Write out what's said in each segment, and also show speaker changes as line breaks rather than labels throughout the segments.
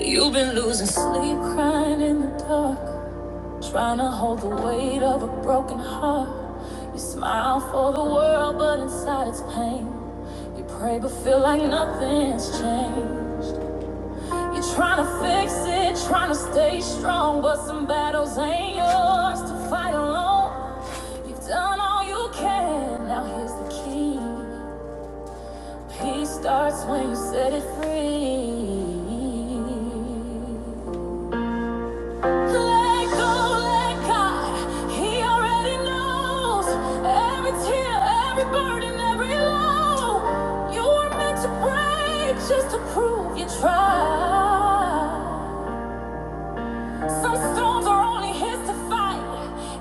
You've been losing sleep, crying in the dark, trying to hold the weight of a broken heart. You smile for the world, but inside it's pain. You pray, but feel like nothing's changed. You're trying to fix it, trying to stay strong, but some battles ain't yours to fight alone. You've done all you can, now here's the key. Peace starts when you set it free. Let go, let God. He already knows every tear, every burden, every low. You were meant to break just to prove you tried. Some storms are only his to fight.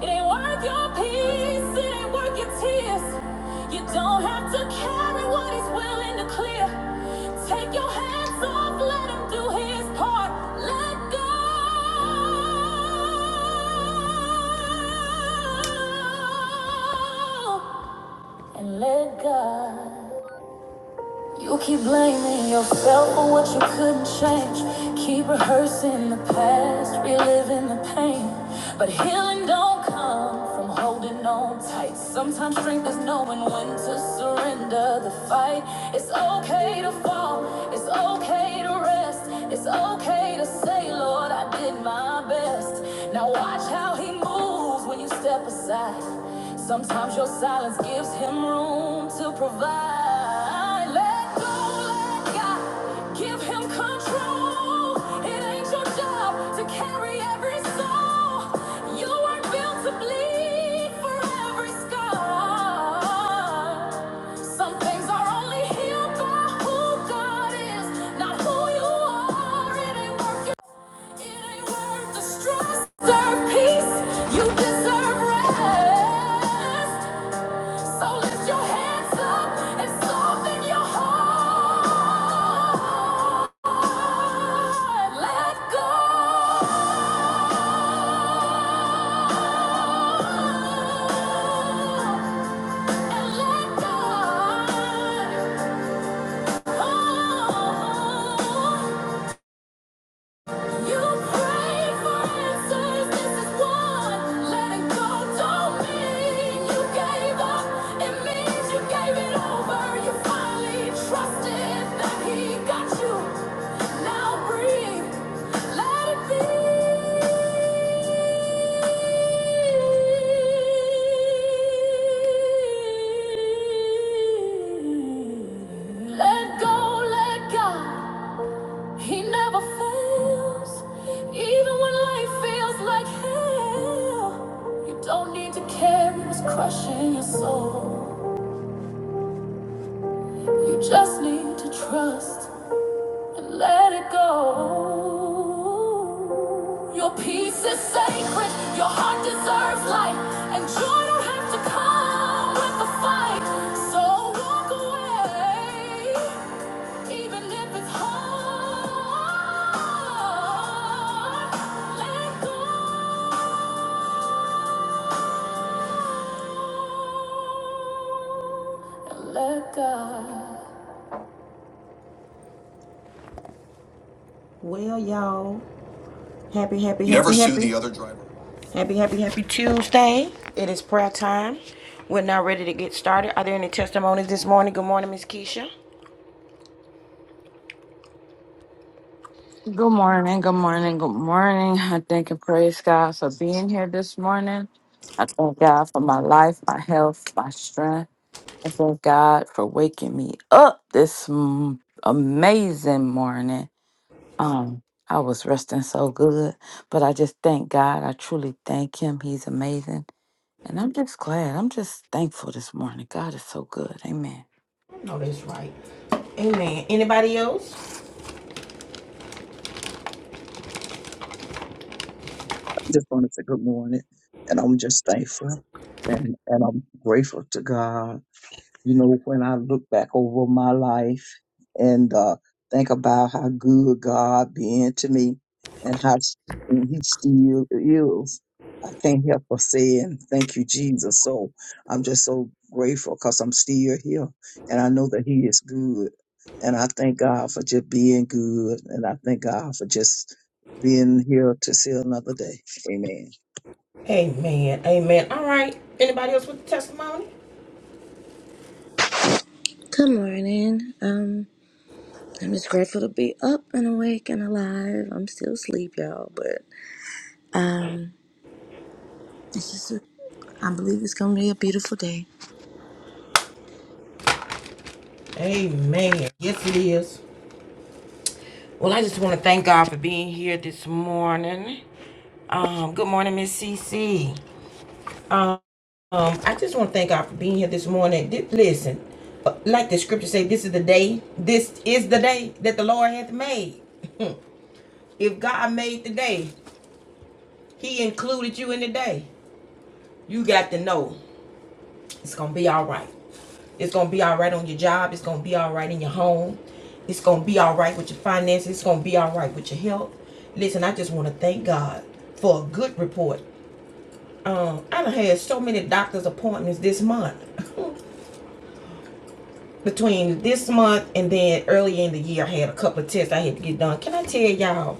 It ain't worth your peace, it ain't worth your tears. You don't have to carry what he's willing to clear. Take your hands off, let him do his part. Let go and let God. You keep blaming yourself for what you couldn't change. Keep rehearsing the past, reliving the pain. But healing don't come from holding on tight. Sometimes strength is knowing when to surrender the fight. It's okay to fall, it's okay to rest. It's okay to say, Lord, I did my best. Now watch Watch how he moves when you step aside. Sometimes your silence gives him room to provide. Let go, let God give him control. It ain't your job to carry every soul. You weren't built to bleed for every scar. Some things are only healed by who God is, not who you are. It ain't worth it ain't peace. You deserve rest. So lift your hands up and soften your heart. Let go and let God. Oh, Let go, let God. He never fails, even when life feels like hell. You don't need to carry what's crushing your soul. You just need to trust and let it go. Your peace is sacred, your heart deserves light, and joy don't have to come with the fight. So walk away. Even if it's hard, let go let God. Well, y'all, happy, happy, happy, happy, happy Tuesday. It is prayer time. We're now ready to get started. Are there any testimonies this morning? Good morning, Miss Keisha.
Good morning, good morning, good morning. I thank and praise God for being here this morning. I thank God for my life, my health, my strength. I thank God for waking me up this m- amazing morning. Um, I was resting so good, but I just thank God. I truly thank Him. He's amazing. And I'm just glad. I'm just thankful this morning. God is so good. Amen.
No, that's right. Amen. Anybody else?
just want to say good morning, and I'm just thankful and and I'm grateful to God you know, when I look back over my life and uh, think about how good God been to me and how s- and He still is, I can't help but saying thank you, Jesus. So I'm just so grateful because I'm still here and I know that He is good. And I thank God for just being good. And I thank God for just being here to see another day. Amen.
Amen. Amen. All right. Anybody else with the testimony?
Good morning. Um, I'm just grateful to be up and awake and alive. I'm still asleep, y'all, but um, it's just a, I believe it's gonna be a beautiful day.
Amen. Yes, it is. Well, I just want to thank God for being here this morning. Um, good morning, Miss CC. Um, um, I just want to thank God for being here this morning. listen, uh, like the scripture say, this is the day. This is the day that the Lord hath made. if God made the day, He included you in the day. You got to know it's gonna be all right. It's gonna be all right on your job. It's gonna be all right in your home. It's gonna be all right with your finances. It's gonna be all right with your health. Listen, I just want to thank God for a good report. Um, I done had so many doctor's appointments this month. Between this month and then early in the year, I had a couple of tests I had to get done. Can I tell y'all,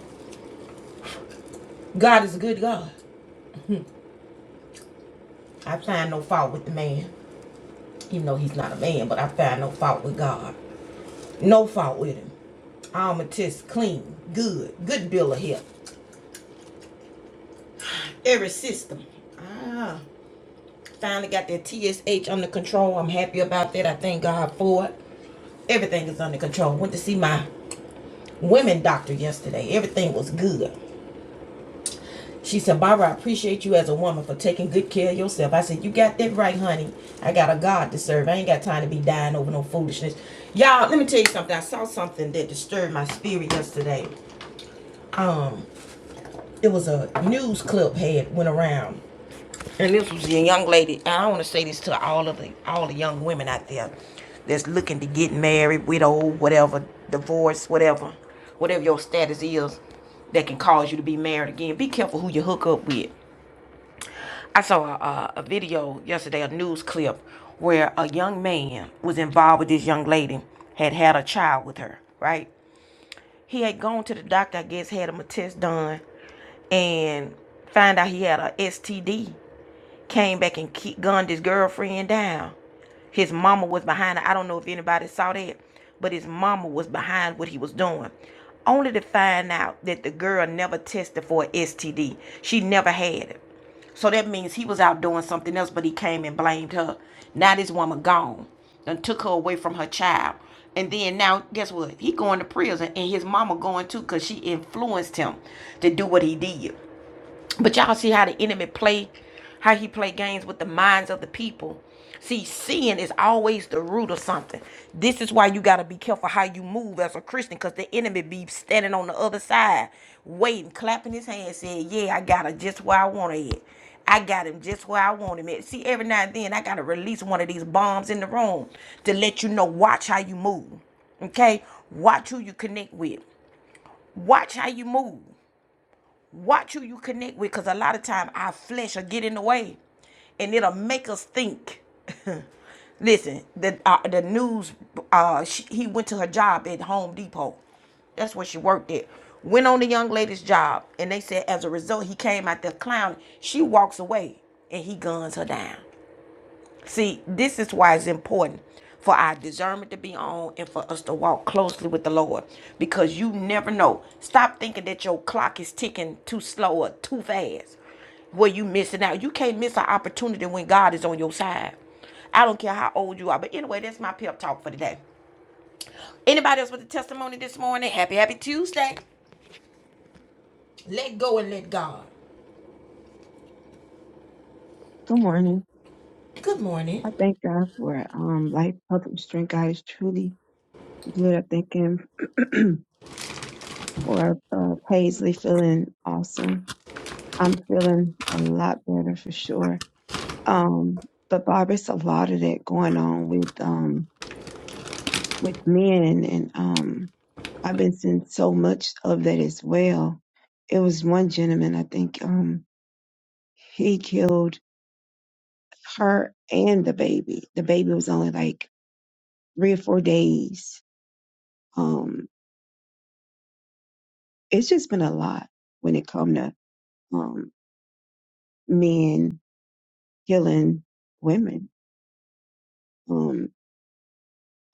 God is a good God. I find no fault with the man, even though he's not a man, but I find no fault with God. No fault with him. All my tests clean, good, good bill of health. every system. Ah, finally got that TSH under control. I'm happy about that. I thank God for it. Everything is under control. Went to see my women doctor yesterday. Everything was good. She said, Barbara, I appreciate you as a woman for taking good care of yourself. I said, You got that right, honey. I got a God to serve. I ain't got time to be dying over no foolishness. Y'all, let me tell you something. I saw something that disturbed my spirit yesterday. Um, it was a news clip had went around And this was a young lady. And I want to say this to all of the all the young women out there that's looking to get married, widowed, whatever, divorced, whatever, whatever your status is, that can cause you to be married again. Be careful who you hook up with. I saw a, a, video yesterday, a news clip, where a young man was involved with this young lady, had had a child with her, right? He had gone to the doctor, I guess, had him a test done, and find out he had a STD came back and gunned his girlfriend down. His mama was behind it. I don't know if anybody saw that, but his mama was behind what he was doing. Only to find out that the girl never tested for a STD. She never had it. So that means he was out doing something else, but he came and blamed her. Now this woman gone. Done took her away from her child. And then now, guess what? He going to prison and his mama going too because she influenced him to do what he did. But y'all see how the enemy play, how he play games with the minds of the people. See, sin is always the root of something. This is why you gotta be careful how you move as a Christian, cause the enemy be standing on the other side, waiting, clapping his hands, saying, "Yeah, I got it just where I want it. I got him just where I want him at." See, every now and then I gotta release one of these bombs in the room to let you know. Watch how you move. Okay, watch who you connect with. Watch how you move. Watch who you connect with, because a lot of time our flesh will get in the way, and it'll make us think. Listen, the uh, the news. Uh, she, he went to her job at Home Depot. That's where she worked at. Went on the young lady's job, and they said as a result he came out there clowning. She walks away, and he guns her down. See, this is why it's important for our discernment to be on and for us to walk closely with the Lord because you never know. Stop thinking that your clock is ticking too slow or too fast. Where you missing out. You can't miss an opportunity when God is on your side. I don't care how old you are. But anyway, that's my pep talk for today. Anybody else with a testimony this morning? Happy, happy Tuesday. Let go and let God.
Good morning.
Good morning.
I thank God for um, life, health, and strength. God is truly good. I thank Him for uh, Paisley feeling awesome. I'm feeling a lot better for sure. Um, but Bob, it's a lot of that going on with um, with men, and um, I've been seeing so much of that as well. It was one gentleman, I think, um, he killed her and the baby. The baby was only like three or four days Um, it's just been a lot when it come to um, men killing women. Um,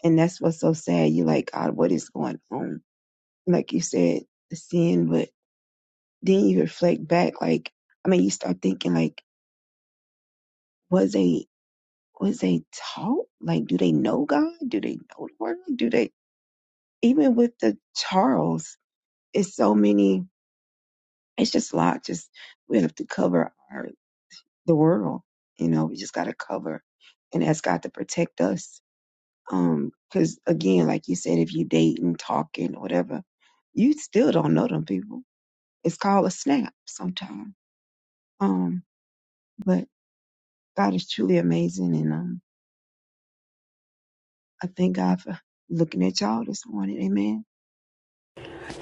and that's what's so sad. You like, God, what is going on? Like you said, the sin, but then you reflect back. Like, I mean, you start thinking like, was they was they taught? Like, do they know God? Do they know the word? Do they even with the Charles? It's so many. It's just a lot. Just we have to cover. the world. You know, we just got to cover and ask God to protect us. Um, cause again, like you said, if you dating, talking, whatever, you still don't know them people. It's called a snap sometimes. Um, but God is truly amazing. And, um, I thank God for looking at y'all this morning. Amen.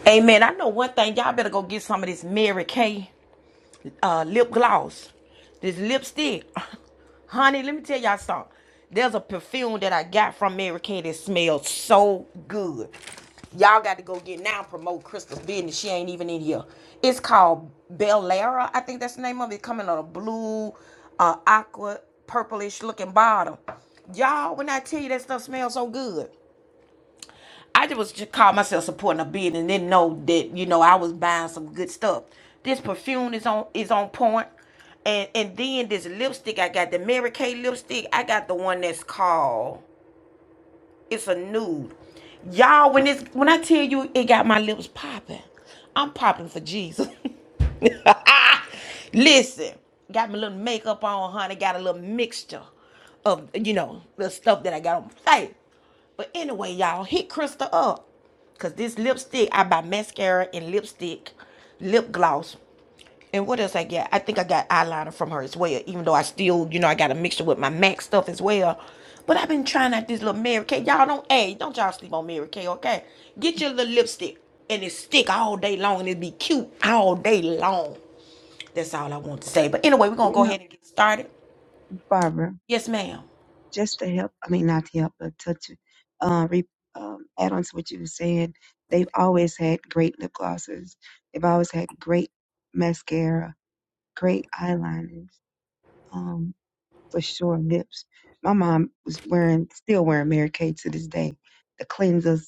Amen. I know one thing. Y'all better go get some of this Mary Kay. uh, lip gloss, this lipstick. Honey, let me tell y'all something. There's a perfume that I got from Mary Kay that smells so good. Y'all got to go get now promote Crystal's business. She ain't even in here. It's called Bellara. I think that's the name of it. Coming on a blue, uh, aqua, purplish looking bottle. Y'all, when I tell you that stuff smells so good. I just was just called myself supporting a bid and didn't know that you know I was buying some good stuff. This perfume is on is on point, and and then this lipstick I got the Mary Kay lipstick. I got the one that's called it's a nude. Y'all, when it's when I tell you it got my lips popping, I'm popping for Jesus. Listen, got my little makeup on, honey. Got a little mixture of you know the stuff that I got on my face. But anyway, y'all, hit Krista up. Cause this lipstick, I buy mascara and lipstick, lip gloss. And what else I got? I think I got eyeliner from her as well, even though I still, you know, I got a mixture with my MAC stuff as well. But I've been trying out this little Mary Kay. Y'all don't, hey, don't y'all sleep on Mary Kay, okay? Get your little lipstick and it stick all day long and it be cute all day long. That's all I want to say. But anyway, we're going to
You
go
know,
ahead and get started.
Barbara,
Yes, ma'am.
just to help, I mean, not to help, but touch, uh, re, um, add on to what you were saying. They've always had great lip glosses. They've always had great mascara great eyeliners, um, for sure. Lips. My mom was wearing, still wearing Mary Kay to this day. The cleansers.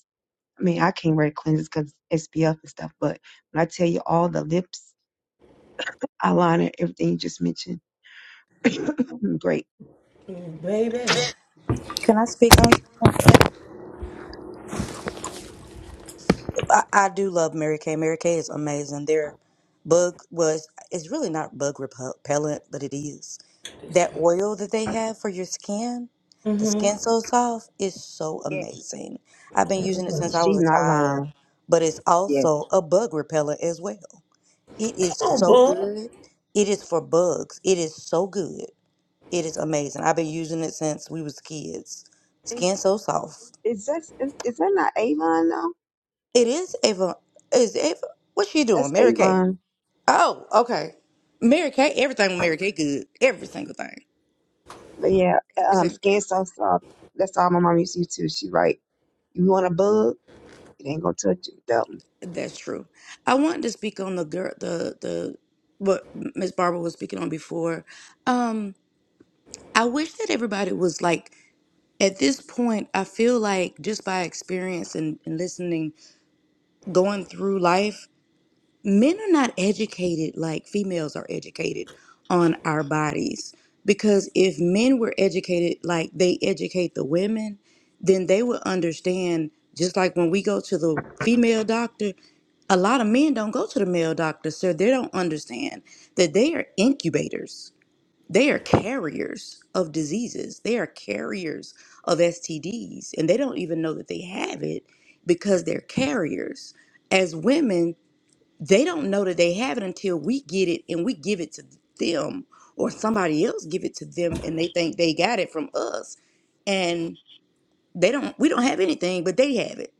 I mean, I can't wear cleansers because SPF and stuff. But when I tell you all the lips, eyeliner, everything you just mentioned, great.
Can I speak on something? I, I do love Mary Kay. Mary Kay is amazing. Their bug was it's really not bug repellent, but it is that oil that they have for your skin. The skin so soft is so
Yeah,
amazing. I've been using it since I
she
was a
not
child,
lying.
but it's
Yeah.
also a bug repellent as well. It is so good. It is for bugs. It is so good. It is amazing. I've been using it since we was kids.
Is,
Skin so soft.
is that is, is that not Avon though?
It is Ava. Is Ava? What's she doing?
That's
Mary Kay.
Avon.
Oh, okay. Mary Kay. Everything with Mary Kay good. Every single thing.
But yeah,
Every
um,
single
skin
thing.
so soft. That's all my mom used to do too. She right. You want a bug? It ain't gonna touch you. That
That's true. I wanted to speak on the girl. The the what Miss Barbara was speaking on before. Um, I wish that everybody was like at this point. I feel like just by experience and, and listening going through life, men are not educated like females are educated on our bodies. Because if men were educated like they educate the women, then they would understand. Just like when we go to the female doctor, a lot of men don't go to the male doctor, so they don't understand that they are incubators they are carriers of diseases. They are carriers of STDs, and they don't even know that they have it because they're carriers. As women, they don't know that they have it until we get it and we give it to them or somebody else give it to them and they think they got it from us and they don't we don't have anything but they have it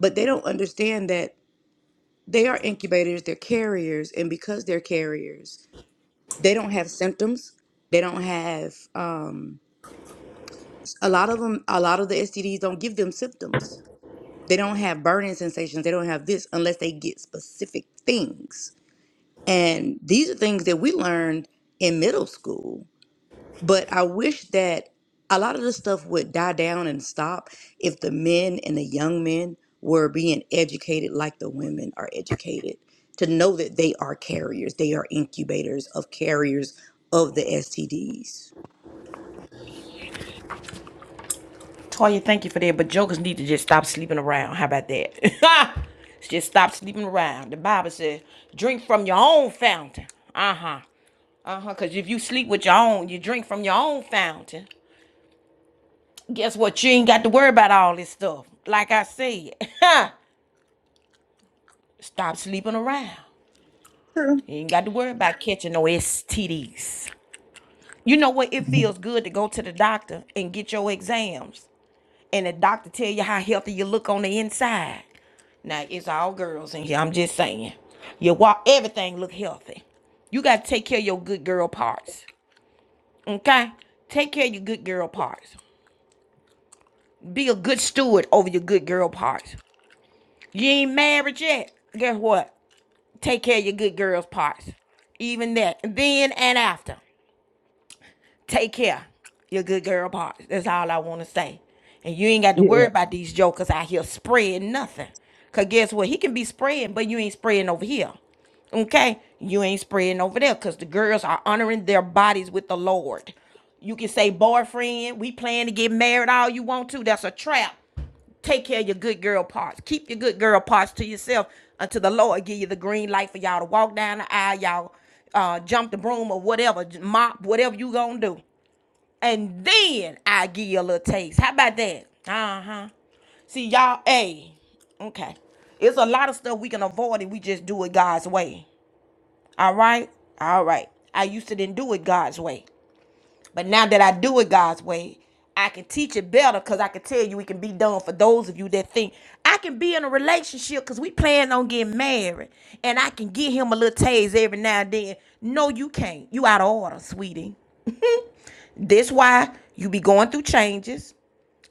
but they don't understand that they are incubators they're carriers and because they're carriers they don't have symptoms they don't have um A lot of them, a lot of the STDs don't give them symptoms. They don't have burning sensations. They don't have this unless they get specific things. And these are things that we learned in middle school. But I wish that a lot of this stuff would die down and stop if the men and the young men were being educated like the women are educated to know that they are carriers, they are incubators of carriers of the STDs.
Toya, thank you for that. But jokers need to just stop sleeping around. How about that? just stop sleeping around. The Bible says, drink from your own fountain. Uh huh. Uh huh. Because if you sleep with your own, you drink from your own fountain. Guess what? You ain't got to worry about all this stuff. Like I said, stop sleeping around. You ain't got to worry about catching no STDs. You know what? It feels good to go to the doctor and get your exams. and the doctor tell you how healthy you look on the inside. Now it's all girls in here. I'm just saying. You walk everything look healthy. You gotta take care of your good girl parts. Okay? Take care of your good girl parts. Be a good steward over your good girl parts. You ain't married yet. Guess what? Take care of your good girl's parts. Even that. Then and after. take care. Your good girl parts. That's all I want to say. And you ain't got to worry
Yeah.
about these jokers out here spreading nothing. Cause guess what? He can be spreading, but you ain't spreading over here. Okay? You ain't spreading over there. Cause the girls are honoring their bodies with the Lord. You can say, boyfriend, we plan to get married all you want to. That's a trap. Take care of your good girl parts. Keep your good girl parts to yourself until the Lord give you the green light for y'all to walk down the aisle, y'all uh, jump the broom or whatever, mop, whatever you gonna do and then I give you a little taste. How about that? Uh huh. See y'all, hey, okay. It's a lot of stuff we can avoid if we just do it God's way. All right, all right. I used to didn't do it God's way, but now that I do it God's way, I can teach it better because I can tell you it can be done for those of you that think I can be in a relationship because we plan on getting married and I can give him a little taste every now and then. No, you can't. You out of order, sweetie. This why you be going through changes.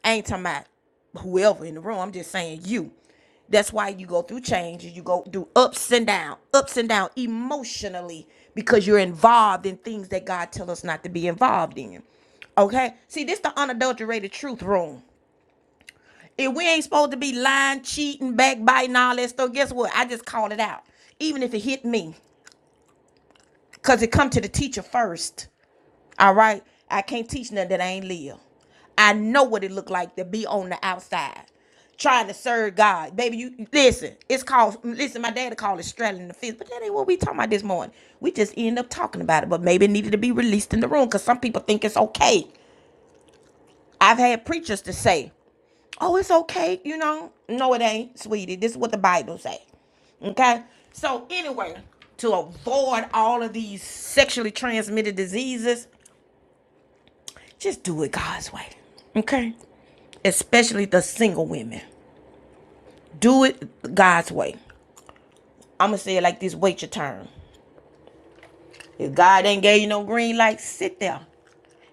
I ain't talking about whoever in the room. I'm just saying you. That's why you go through changes. You go through ups and down, ups and down emotionally because you're involved in things that God tell us not to be involved in. Okay? See, this the unadulterated truth room. If we ain't supposed to be lying, cheating, backbiting, all that stuff, guess what? I just called it out. Even if it hit me. Because it come to the teacher first. All right. I can't teach nothing that I ain't live. I know what it looked like to be on the outside trying to serve God. Baby, you listen, it's called listen, my daddy called it straddling the fence, but that ain't what we talking about this morning. We just end up talking about it. But maybe it needed to be released in the room because some people think it's okay. I've had preachers to say, Oh, it's okay, you know. No, it ain't, sweetie. This is what the Bible say. Okay? So anyway, to avoid all of these sexually transmitted diseases, just do it God's way. Okay? Especially the single women. Do it God's way. I'ma say it like this, wait your turn. If God ain't gave you no green light, sit there.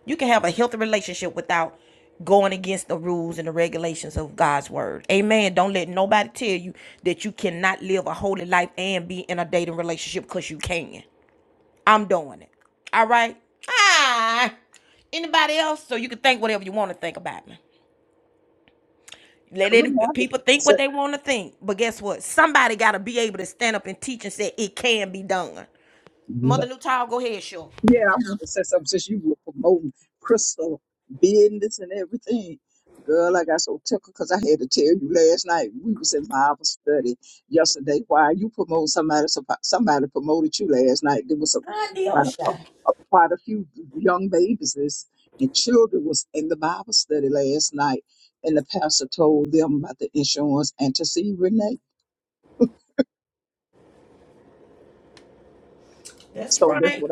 You can have a healthy relationship without going against the rules and the regulations of God's word. Amen. Don't let nobody tell you that you cannot live a holy life and be in a dating relationship because you can. I'm doing it. All right? Ah. Anybody else? So you can think whatever you want to think about me.
I
Let
remember I
it, people
just
think what they want to think. But guess what? Somebody got to be able to stand up and teach and say it can be done.
said,
Mother Newtile, go ahead, sure.
Yeah, I want to say something since you were promoting crystal business and everything. Girl, I got so tickled because I had to tell you last night we was in Bible study yesterday. Why you promote somebody? some- Somebody promoted you last night. There was a,
Hi,
about a,
Deosha.
a- quite a few young babies this, and children was in the Bible study last night, and the pastor told them about the insurance and to see Renee.
That's
So that's
right.
what I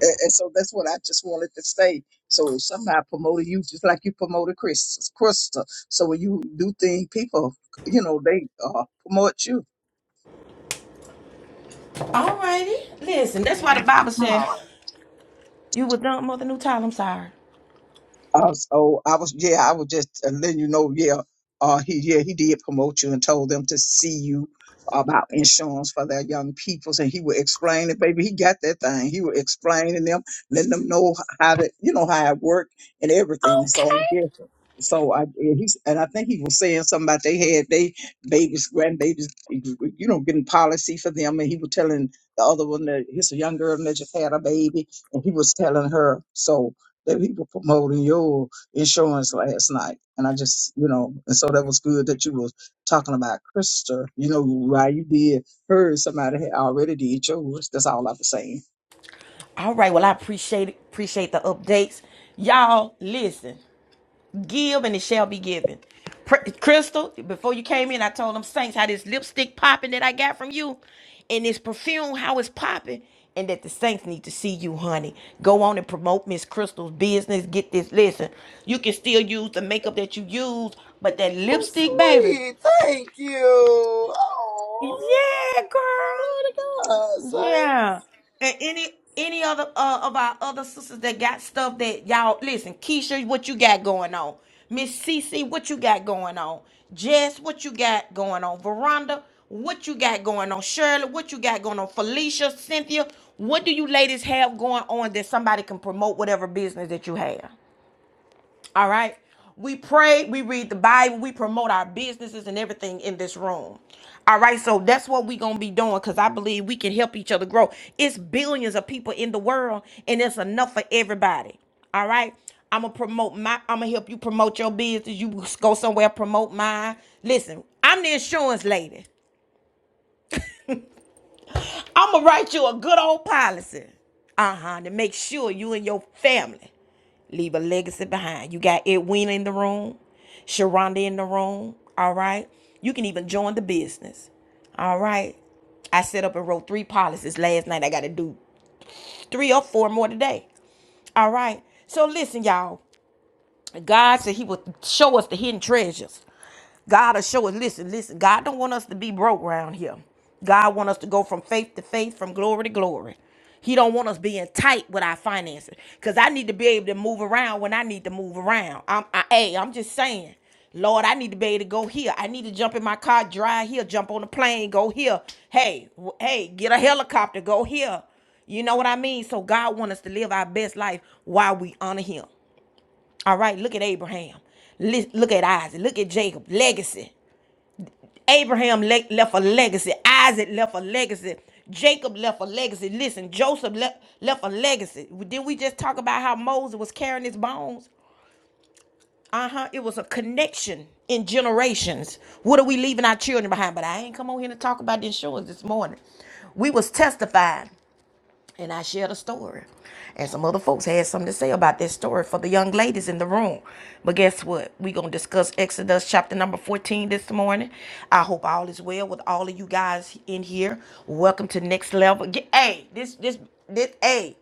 And, and so that's what I just wanted to say. So somebody promoted you just like you promoted Chris, Krista. So when you do things, people, you know, they uh, promote you.
All righty. Listen, that's why the Bible
one.
said you were done, Mother Newtile. I'm sorry.
Uh, so I was, yeah, I was just uh, letting you know, yeah, uh, he, yeah, he did promote you and told them to see you about insurance for their young people. and he would explain it, baby. He got that thing. He would explain to them, letting them know how to, you know, how it worked and everything. So yeah, so I and he's and I think he was saying something about they had they babies, grandbabies, you know, getting policy for them, and he was telling the other one that he's a young girl that just had a baby, and he was telling her so that people promoting your insurance last night. And I just, you know, and so that was good that you was talking about Krister. You know, why you did hers, somebody had already did yours. That's all I was saying.
All right. Well, I appreciate it. Appreciate the updates. Y'all, listen. Give and it shall be given. Pr- Crystal, before you came in, I told them Saints how this lipstick popping that I got from you and this perfume, how it's popping, and that the Saints need to see you, honey. Go on and promote Miss Crystal's business. Get this. Listen, you can still use the makeup that you use, but that lipstick, baby.
Sweet, thank you. Oh,
Yeah, girl.
glory to God. Say.
Yeah. And any any other uh, of our other sisters that got stuff that y'all listen, Keisha, what you got going on? Miss Cece, what you got going on? Jess, what you got going on? Veranda, what you got going on? Shirley, what you got going on? Felicia, Cynthia, what do you ladies have going on that somebody can promote whatever business that you have? All right. We pray, we read the Bible, we promote our businesses and everything in this room. All right. So that's what we're going to be doing because I believe we can help each other grow. It's billions of people in the world and it's enough for everybody. All right. I'm going to promote my, I'm going to help you promote your business. You go somewhere, promote mine. Listen, I'm the insurance lady. I'm going to write you a good old policy. Uh huh. To make sure you and your family. Leave a legacy behind. You got Edwina in the room, Sharonda in the room. All right. You can even join the business. All right. I set up and wrote three policies last night. I got to do three or four more today. All right. So listen, y'all. God said He will show us the hidden treasures. God will show us. Listen, listen. God don't want us to be broke around here. God want us to go from faith to faith, from glory to glory. He don't want us being tight with our finances. Cause I need to be able to move around when I need to move around. I'm, I, hey, I'm just saying. Lord, I need to be able to go here. I need to jump in my car, drive here, jump on the plane, go here. Hey, w- hey, get a helicopter, go here. You know what I mean? So God wants us to live our best life while we honor Him. All right, look at Abraham. Lis- Look at Isaac. Look at Jacob. Legacy. Abraham le- left a legacy. Isaac left a legacy. Jacob left a legacy. Listen, Joseph left, left a legacy. Did we just talk about how Moses was carrying his bones? Uh huh. It was a connection in generations. What are we leaving our children behind? But I ain't come on here to talk about the insurance this morning. We was testifying and I shared a story. And some other folks had something to say about this story for the young ladies in the room. But guess what? We're going to discuss Exodus chapter number 14 this morning. I hope all is well with all of you guys in here. Welcome to Next Level. Get, hey, this, this, this, hey,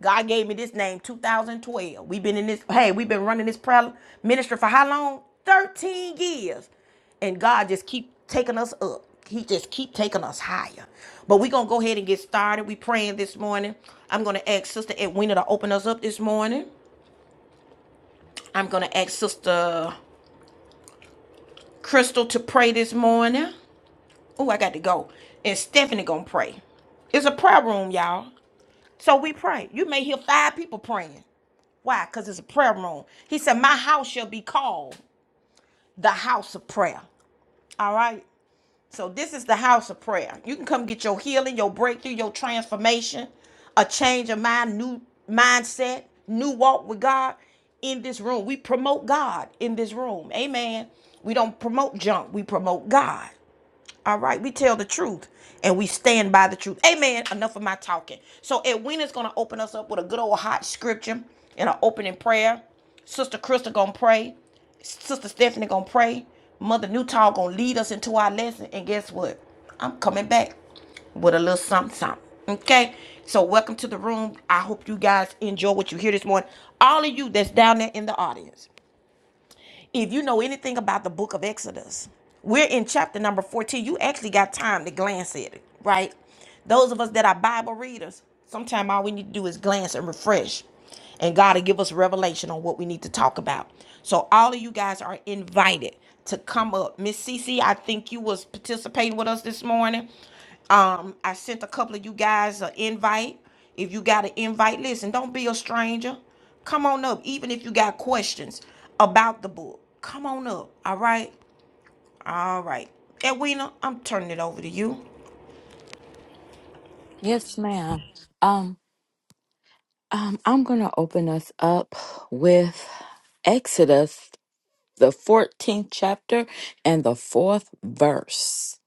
God gave me this name 2012. We've been in this, hey, we've been running this prayer ministry for how long? 13 years and God just keep taking us up. He just keep taking us higher. But we're gonna go ahead and get started. We praying this morning. I'm gonna ask Sister Edwina to open us up this morning. I'm gonna ask Sister Crystal to pray this morning. Oh, I got to go. And Stephanie gonna pray. It's a prayer room, y'all. So we pray. You may hear five people praying. Why? Because it's a prayer room. He said, My house shall be called the house of prayer. All right. So this is the house of prayer. You can come get your healing, your breakthrough, your transformation, a change of mind, new mindset, new walk with God in this room. We promote God in this room. Amen. We don't promote junk. We promote God. All right, we tell the truth and we stand by the truth. Amen. Enough of my talking. So Edwina's gonna open us up with a good old hot scripture and an opening prayer. Sister Krista gonna pray. Sister Stephanie gonna pray. Mother Newtall gonna lead us into our lesson. And guess what? I'm coming back with a little something, something. Okay. So welcome to the room. I hope you guys enjoy what you hear this morning. All of you that's down there in the audience. If you know anything about the book of Exodus, we're in chapter number 14. You actually got time to glance at it, right? Those of us that are Bible readers, sometimes all we need to do is glance and refresh. And God will give us revelation on what we need to talk about. So all of you guys are invited to come up. Miss Cece, I think you was participating with us this morning. Um, I sent a couple of you guys an invite. If you got an invite, listen, don't be a stranger. Come on up, even if you got questions about the book. Come on up. All right. All right. Edwina, I'm turning it over to you.
Yes, ma'am. Um, um, I'm gonna open us up with Exodus the 14th chapter and the fourth verse.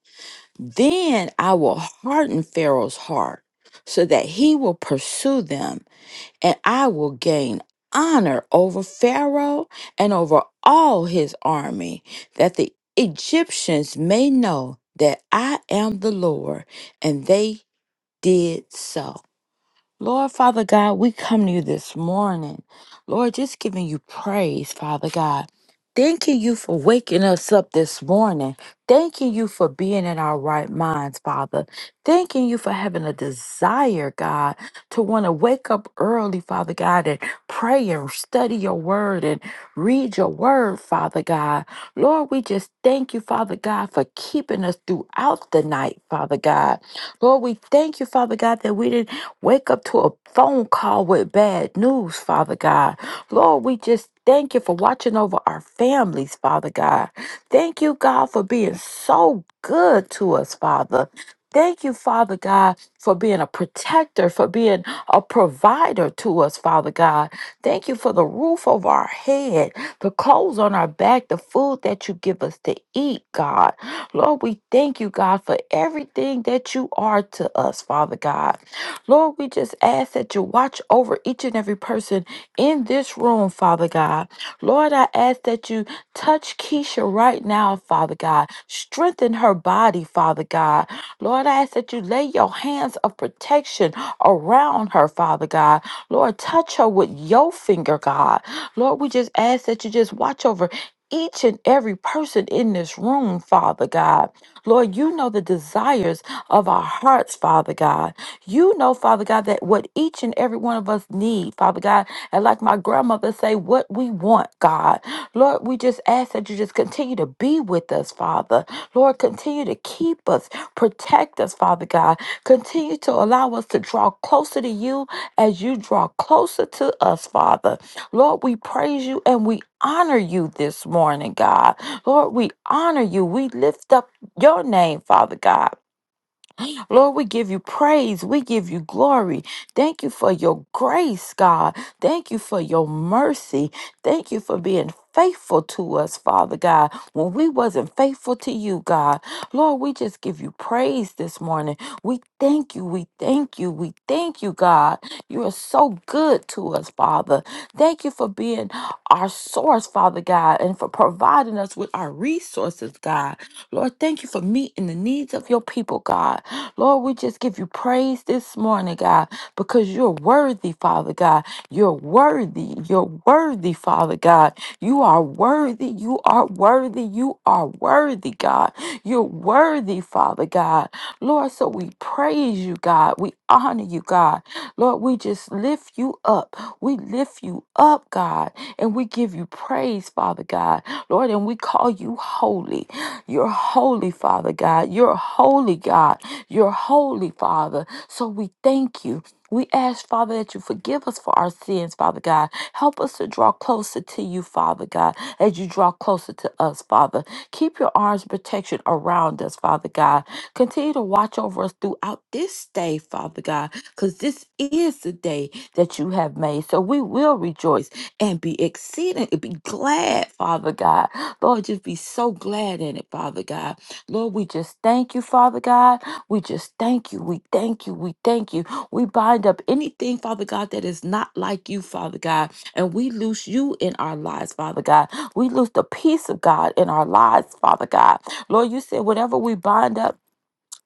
Then I will harden Pharaoh's heart so that he will pursue them, and I will gain honor over Pharaoh and over all his army, that the Egyptians may know that I am the Lord. And they did so. Lord, Father God, we come to you this morning. Lord, just giving you praise, Father God. Thanking you for waking us up this morning. Thanking you for being in our right minds, Father. Thanking you for having a desire, God, to want to wake up early, Father God, and pray and study your word and read your word, Father God. Lord, we just thank you, Father God, for keeping us throughout the night, Father God. Lord, we thank you, Father God, that we didn't Wake up to a phone call with bad news, Father God. Lord, we just thank you for watching over our families, Father God. Thank you, God, for being so good to us, Father. Thank you, Father God, for being a protector, for being a provider to us, Father God. Thank you for the roof over our head, the clothes on our back, the food that you give us to eat, God. Lord, we thank you, God, for everything that you are to us, Father God. Lord, we just ask that you watch over each and every person in this room, Father God. Lord, I ask that you touch Keisha right now, Father God. Strengthen her body, Father God. Lord, I ask that you lay your hands of protection around her, Father God. Lord, touch her with your finger, God. Lord, we just ask that you just watch over each and every person in this room, Father God. Lord, you know the desires of our hearts, Father God. You know, Father God, that what each and every one of us need, Father God, and like my grandmother say, what we want, God. Lord, we just ask that you just continue to be with us, Father. Lord, continue to keep us, protect us, Father God. Continue to allow us to draw closer to you as you draw closer to us, Father. Lord, we praise you and we honor you this morning, God. Lord, we honor you. We lift up your name, Father God. Lord, we give you praise. We give you glory. Thank you for your grace, God. Thank you for your mercy. Thank you for being faithful to us, Father God, when we wasn't faithful to you, God. Lord, we just give you praise this morning. We thank you. We thank you. We thank you, God. You are so good to us, Father. Thank you for being our source, Father God, and for providing us with our resources, God. Lord, thank you for meeting the needs of your people, God. Lord, we just give you praise this morning, God, because you're worthy, Father God. You're worthy. You're worthy, Father God. You are worthy. You are worthy. You are worthy, God. You're worthy, Father God. Lord, so we praise you, God. We honor you, God. Lord, we just lift you up. We lift you up, God, and we give you praise, Father God. Lord, and we call you holy. You're holy, Father God. You're holy, God. You're holy, Father. So we thank you. We ask, Father, that you forgive us for our sins, Father God. Help us to draw closer to you, Father God, as you draw closer to us, Father. Keep your arms of protection around us, Father God. Continue to watch over us throughout this day, Father God, because this is the day that you have made. So we will rejoice and be exceeding, be glad, Father God. Lord, just be so glad in it, Father God. Lord, we just thank you, Father God. We just thank you. We thank you. We thank you. We bind up anything, Father God, that is not like you, Father God. And we loose you in our lives, Father God. We loose the peace of God in our lives, Father God. Lord, you said whatever we bind up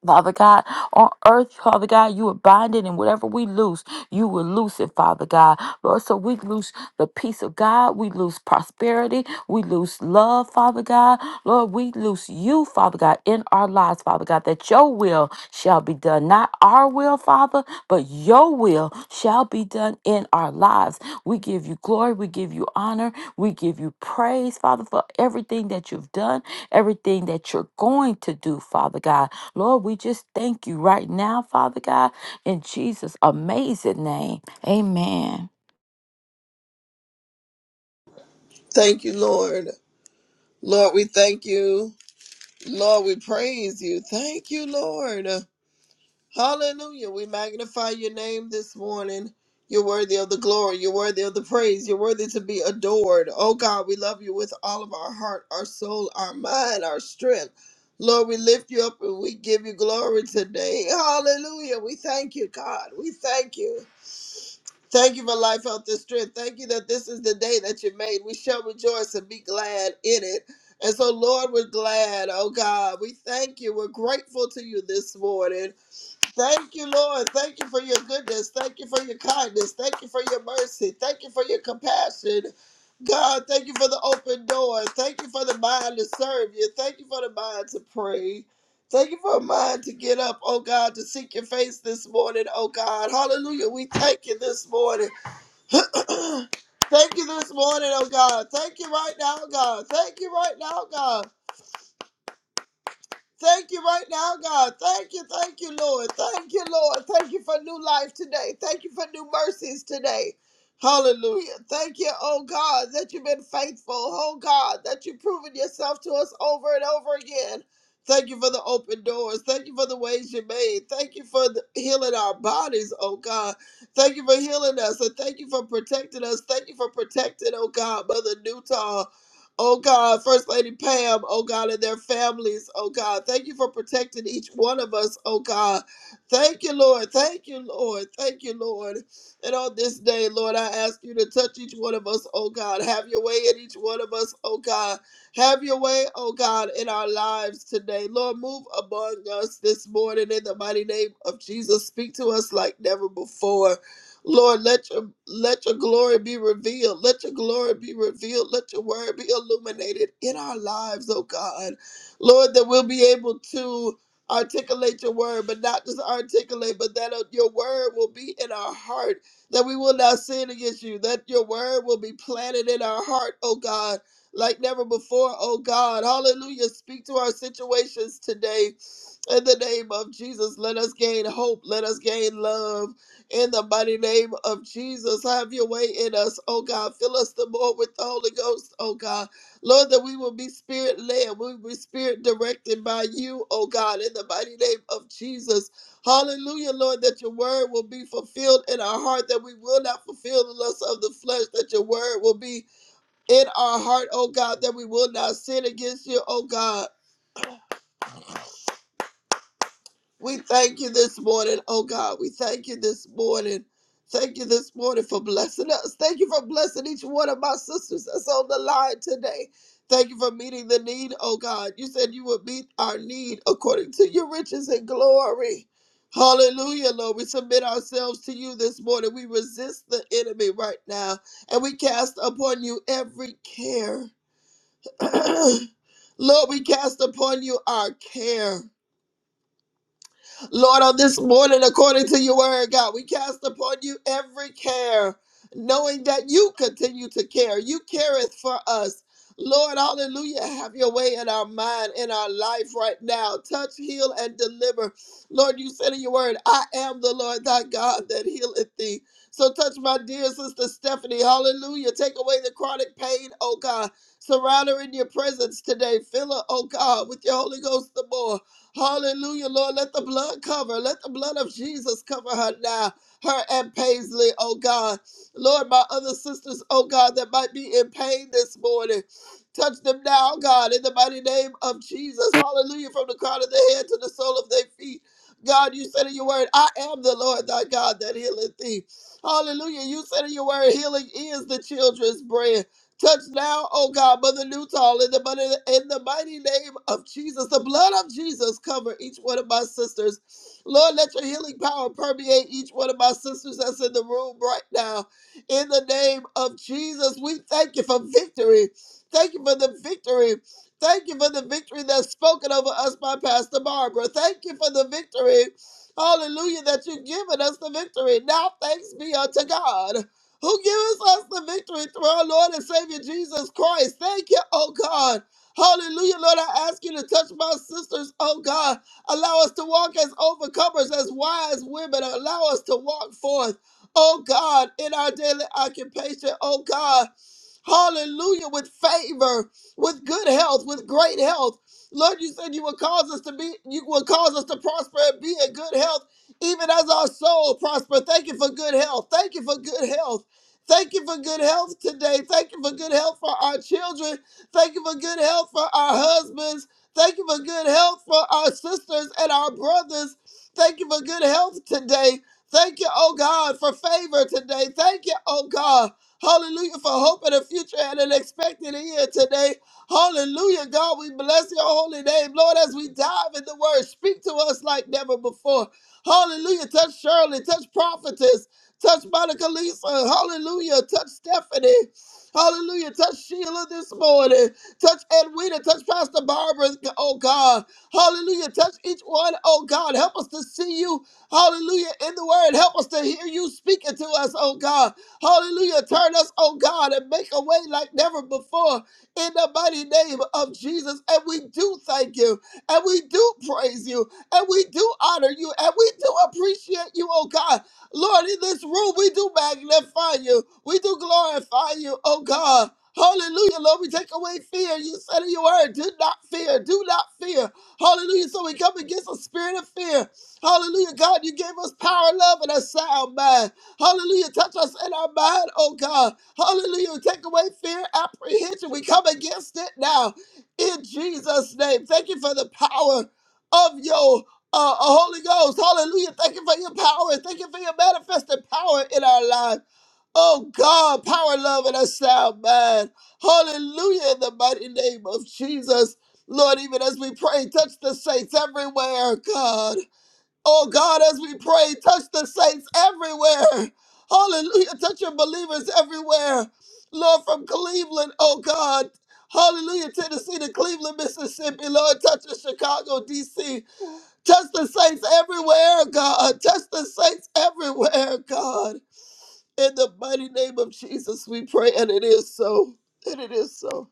Father God, on earth, Father God, you are binding, and whatever we lose, you will loose it, Father God. Lord, so we lose the peace of God, we lose prosperity, we lose love, Father God. Lord, we lose you, Father God, in our lives, Father God, that your will shall be done. Not our will, Father, but your will shall be done in our lives. We give you glory, we give you honor, we give you praise, Father, for everything that you've done, everything that you're going to do, Father God. Lord, we just thank you right now, Father God, in Jesus' amazing name. Amen.
Thank you, Lord. Lord, we thank you. Lord, we praise you. Thank you, Lord. Hallelujah. We magnify your name this morning. You're worthy of the glory. You're worthy of the praise. You're worthy to be adored. Oh God, we love you with all of our heart, our soul, our mind, our strength. Lord, we lift you up and we give you glory today. Hallelujah. We thank you, God. We thank you. Thank you for life, health, and strength. Thank you that this is the day that you made. We shall rejoice and be glad in it. And so, Lord, we're glad. Oh, God, we thank you. We're grateful to you this morning. Thank you, Lord. Thank you for your goodness. Thank you for your kindness. Thank you for your mercy. Thank you for your compassion. God, thank you for the open door. Thank you for the mind to serve you. Thank you for the mind to pray. Thank you for a mind to get up, oh God, to seek your face this morning, oh God. Hallelujah. We thank you this morning. Thank you this morning, oh God. Thank you right now, God. Thank you right now, God. Thank you right now, God. Thank you, thank you, Lord. Thank you, Lord. Thank you for new life today. Thank you for new mercies today. Hallelujah. Thank you, oh God, that you've been faithful. Oh God, that you've proven yourself to us over and over again. Thank you for the open doors. Thank you for the ways you made. Thank you for the healing our bodies, oh God. Thank you for healing us. And thank you for protecting us. Thank you for protecting, oh God, Mother Newton. Oh God, First Lady Pam, oh God, and their families, oh God. Thank you for protecting each one of us, oh God. Thank you, Lord. Thank you, Lord. Thank you, Lord. And on this day, Lord, I ask you to touch each one of us, oh God. Have your way in each one of us, oh God. Have your way, oh God, in our lives today. Lord, move among us this morning in the mighty name of Jesus. Speak to us like never before. Lord, let your let your glory be revealed. Let your glory be revealed. Let your word be illuminated in our lives, oh God. Lord, that we'll be able to articulate your word, but not just articulate, but that uh, your word will be in our heart, that we will not sin against you, that your word will be planted in our heart, oh God, like never before, oh God. Hallelujah. Speak to our situations today. In the name of Jesus, let us gain hope. Let us gain love. In the mighty name of Jesus, have your way in us, oh God. Fill us the more with the Holy Ghost, oh God. Lord, that we will be spirit led, we will be spirit directed by you, oh God, in the mighty name of Jesus. Hallelujah, Lord, that your word will be fulfilled in our heart, that we will not fulfill the lust of the flesh, that your word will be in our heart, oh God, that we will not sin against you, oh God. We thank you this morning, oh God. We thank you this morning. Thank you this morning for blessing us. Thank you for blessing each one of my sisters that's on the line today. Thank you for meeting the need, oh God. You said you would meet our need according to your riches and glory. Hallelujah, Lord. We submit ourselves to you this morning. We resist the enemy right now and we cast upon you every care. Lord, we cast upon you our care. Lord, on this morning, according to your word, God, we cast upon you every care, knowing that you continue to care. You careth for us. Lord, hallelujah, have your way in our mind, in our life right now. Touch, heal, and deliver. Lord, you said in your word, I am the Lord thy God that healeth thee. So touch my dear sister Stephanie. Hallelujah. Take away the chronic pain, oh God. Surround her in your presence today. Fill her, oh God, with your Holy Ghost the more. Hallelujah, Lord. Let the blood cover. Let the blood of Jesus cover her now. Her and Paisley, oh God. Lord, my other sisters, oh God, that might be in pain this morning. Touch them now, God, in the mighty name of Jesus. Hallelujah. From the crown of their head to the sole of their feet. God, you said in your word, I am the Lord thy God that healeth thee. Hallelujah. You said in your word, healing is the children's bread. Touch now, oh God, Mother Newtall, in the, mighty- in the mighty name of Jesus. The blood of Jesus cover each one of my sisters. Lord, let your healing power permeate each one of my sisters that's in the room right now. In the name of Jesus, we thank you for victory. Thank you for the victory. Thank you for the victory that's spoken over us by Pastor Barbara. Thank you for the victory. Hallelujah, that you've given us the victory. Now thanks be unto God who gives us the victory through our Lord and Savior Jesus Christ. Thank you, oh God. Hallelujah, Lord. I ask you to touch my sisters, oh God. Allow us to walk as overcomers, as wise women. Allow us to walk forth, oh God, in our daily occupation, oh God. Hallelujah. With favor, with good health, with great health. Lord, you said you will cause us to be, you will cause us to prosper and be in good health, even as our soul prosper. Thank you for good health. Thank you for good health. Thank you for good health today. Thank you for good health for our children. Thank you for good health for our husbands. Thank you for good health for our sisters and our brothers. Thank you for good health today. Thank you, oh God, for favor today. Thank you, oh God. Hallelujah for hope and a future and an expected year today. Hallelujah, God, we bless your holy name. Lord, as we dive in the word, speak to us like never before. Hallelujah. Touch Shirley, touch prophetess, touch Monica Lisa. Hallelujah. Touch Stephanie. Hallelujah. Touch Sheila this morning. Touch Edwina. Touch Pastor Barbara. Oh God. Hallelujah. Touch each one. Oh God. Help us to see you. Hallelujah. In the word. Help us to hear you speaking to us. Oh God. Hallelujah. Turn us, oh God, and make a way like never before in the mighty name of Jesus. And we do thank you, and we do praise you, and we do honor you, and we do appreciate you, oh God. Lord, in this room, we do magnify you, we do glorify you, oh God. Hallelujah, Lord. We take away fear. You said in your word, do not fear, do not fear. Hallelujah. So we come against a spirit of fear. Hallelujah, God. You gave us power, love, and a sound mind. Hallelujah. Touch us in our mind, oh God. Hallelujah. Take away fear, apprehension. We come against it now in Jesus' name. Thank you for the power of your uh, uh, Holy Ghost. Hallelujah. Thank you for your power. Thank you for your manifested power in our lives. Oh God, power, love, and a sound mind. Hallelujah in the mighty name of Jesus. Lord, even as we pray, touch the saints everywhere, God. Oh God, as we pray, touch the saints everywhere. Hallelujah. Touch your believers everywhere. Lord, from Cleveland, oh God. Hallelujah, Tennessee to Cleveland, Mississippi. Lord, touch the Chicago, D.C. Touch the saints everywhere, God. Touch the saints everywhere, God. In the mighty name of Jesus, we pray, and it is so. And it is so.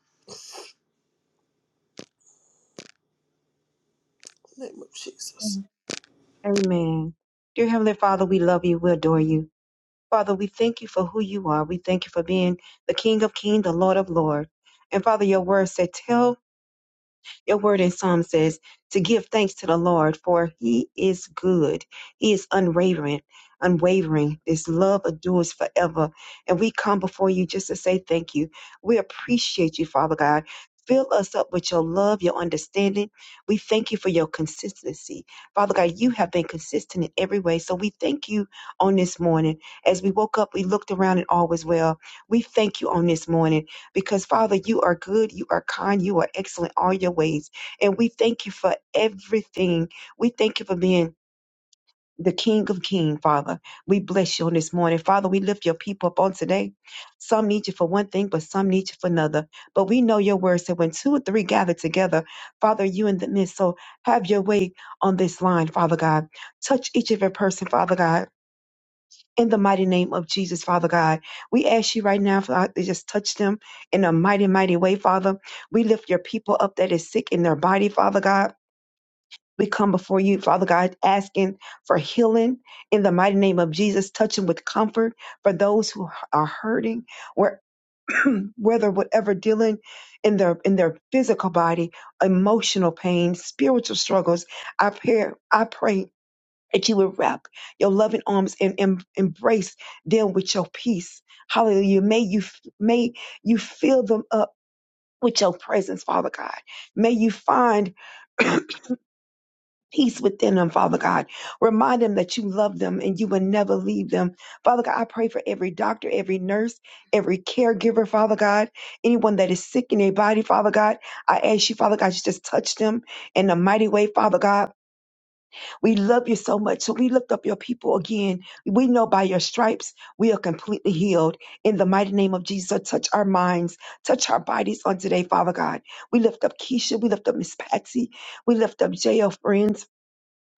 In the name of Jesus.
Amen. Amen. Dear Heavenly Father, we love you. We adore you. Father, we thank you for who you are. We thank you for being the King of Kings, the Lord of Lords. And Father, your word said, tell Your word in Psalm says to give thanks to the Lord, for he is good. He is unwavering, unwavering. His love endures forever. And we come before you just to say thank you. We appreciate you, Father God. Fill us up with your love, your understanding. We thank you for your consistency. Father God, you have been consistent in every way. So we thank you on this morning. As we woke up, we looked around and all was well. We thank you on this morning because Father, you are good, you are kind, you are excellent all your ways. And we thank you for everything. We thank you for being the King of King, Father. We bless you on this morning. Father, we lift your people up on today. Some need you for one thing, but some need you for another. But we know your word said when two or three gather together, Father, you in the midst. So have your way on this line, Father God. Touch each of your person, Father God in the mighty name of Jesus, Father God, we ask you right now, Father, to just touch them in a mighty, mighty way, Father. We lift your people up that is sick in their body, Father God. We come before you, Father God, asking for healing in the mighty name of Jesus, touching with comfort for those who are hurting, where, whether whatever dealing in their in their physical body, emotional pain, spiritual struggles. I pray, I pray that you would wrap your loving arms and, and embrace them with your peace. Hallelujah. May you may you fill them up with your presence, Father God. May you find peace within them, Father God. Remind them that you love them and you will never leave them. Father God, I pray for every doctor, every nurse, every caregiver, Father God, anyone that is sick in their body, Father God. I ask you, Father God, you just touch them in a mighty way, Father God We love you so much. So we lift up your people again. We know by your stripes we are completely healed. In the mighty name of Jesus, touch our minds, touch our bodies on today, Father God. We lift up Keisha. We lift up Miss Patsy. We lift up JL Friends.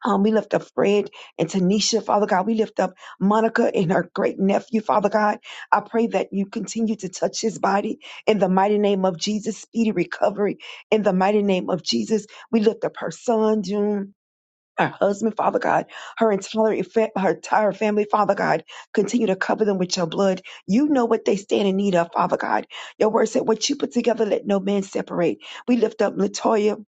Um, we lift up Fred and Tanisha, Father God. We lift up Monica and her great nephew, Father God. I pray that you continue to touch his body in the mighty name of Jesus, speedy recovery in the mighty name of Jesus. We lift up her son, June her husband, Father God, her entire fa- her entire family, Father God, continue to cover them with your blood. You know what they stand in need of, Father God. Your word said, "What you put together, let no man separate." We lift up Latoya.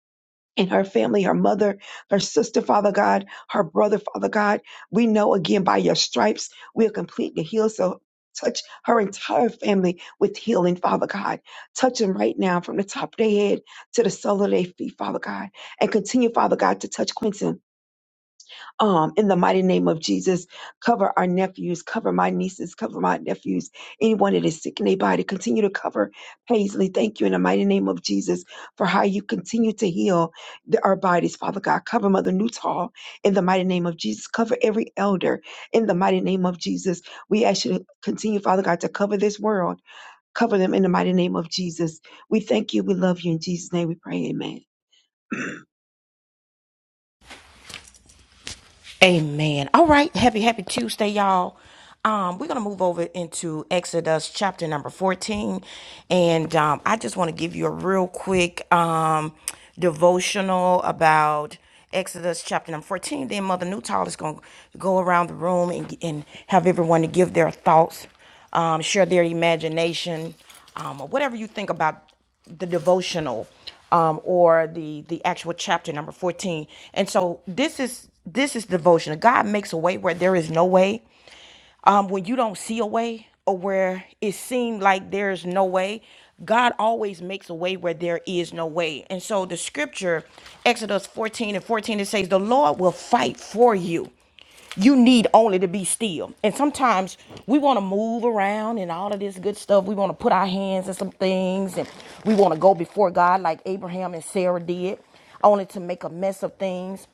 And her family, her mother, her sister, Father God, her brother, Father God. We know again by your stripes, we are completely healed. So touch her entire family with healing, Father God. Touch them right now from the top of their head to the sole of their feet, Father God. And continue, Father God, to touch Quentin um, in the mighty name of Jesus, cover our nephews, cover my nieces, cover my nephews, anyone that is sick in their body. Continue to cover Paisley. Thank you in the mighty name of Jesus for how you continue to heal the, our bodies, Father God. Cover Mother Newtall in the mighty name of Jesus. Cover every elder in the mighty name of Jesus. We ask you to continue, Father God, to cover this world. Cover them in the mighty name of Jesus. We thank you. We love you. In Jesus' name we pray. Amen.
Amen. All right. Happy, happy Tuesday, y'all. Um, we're gonna move over into Exodus chapter number 14. And um, I just want to give you a real quick um devotional about Exodus chapter number 14. Then Mother Newtall is gonna go around the room and, and have everyone to give their thoughts um, share their imagination um, or whatever you think about the devotional um, or the the actual chapter number 14 and so this is this is devotional god makes a way where there is no way um, when you don't see a way or where it seemed like there's no way, God always makes a way where there is no way. And so the scripture, Exodus 14 and 14, it says, The Lord will fight for you you need only to be still. And sometimes we want to move around and all of this good stuff. We want to put our hands in some things and we want to go before God like Abraham and Sarah did, only to make a mess of things.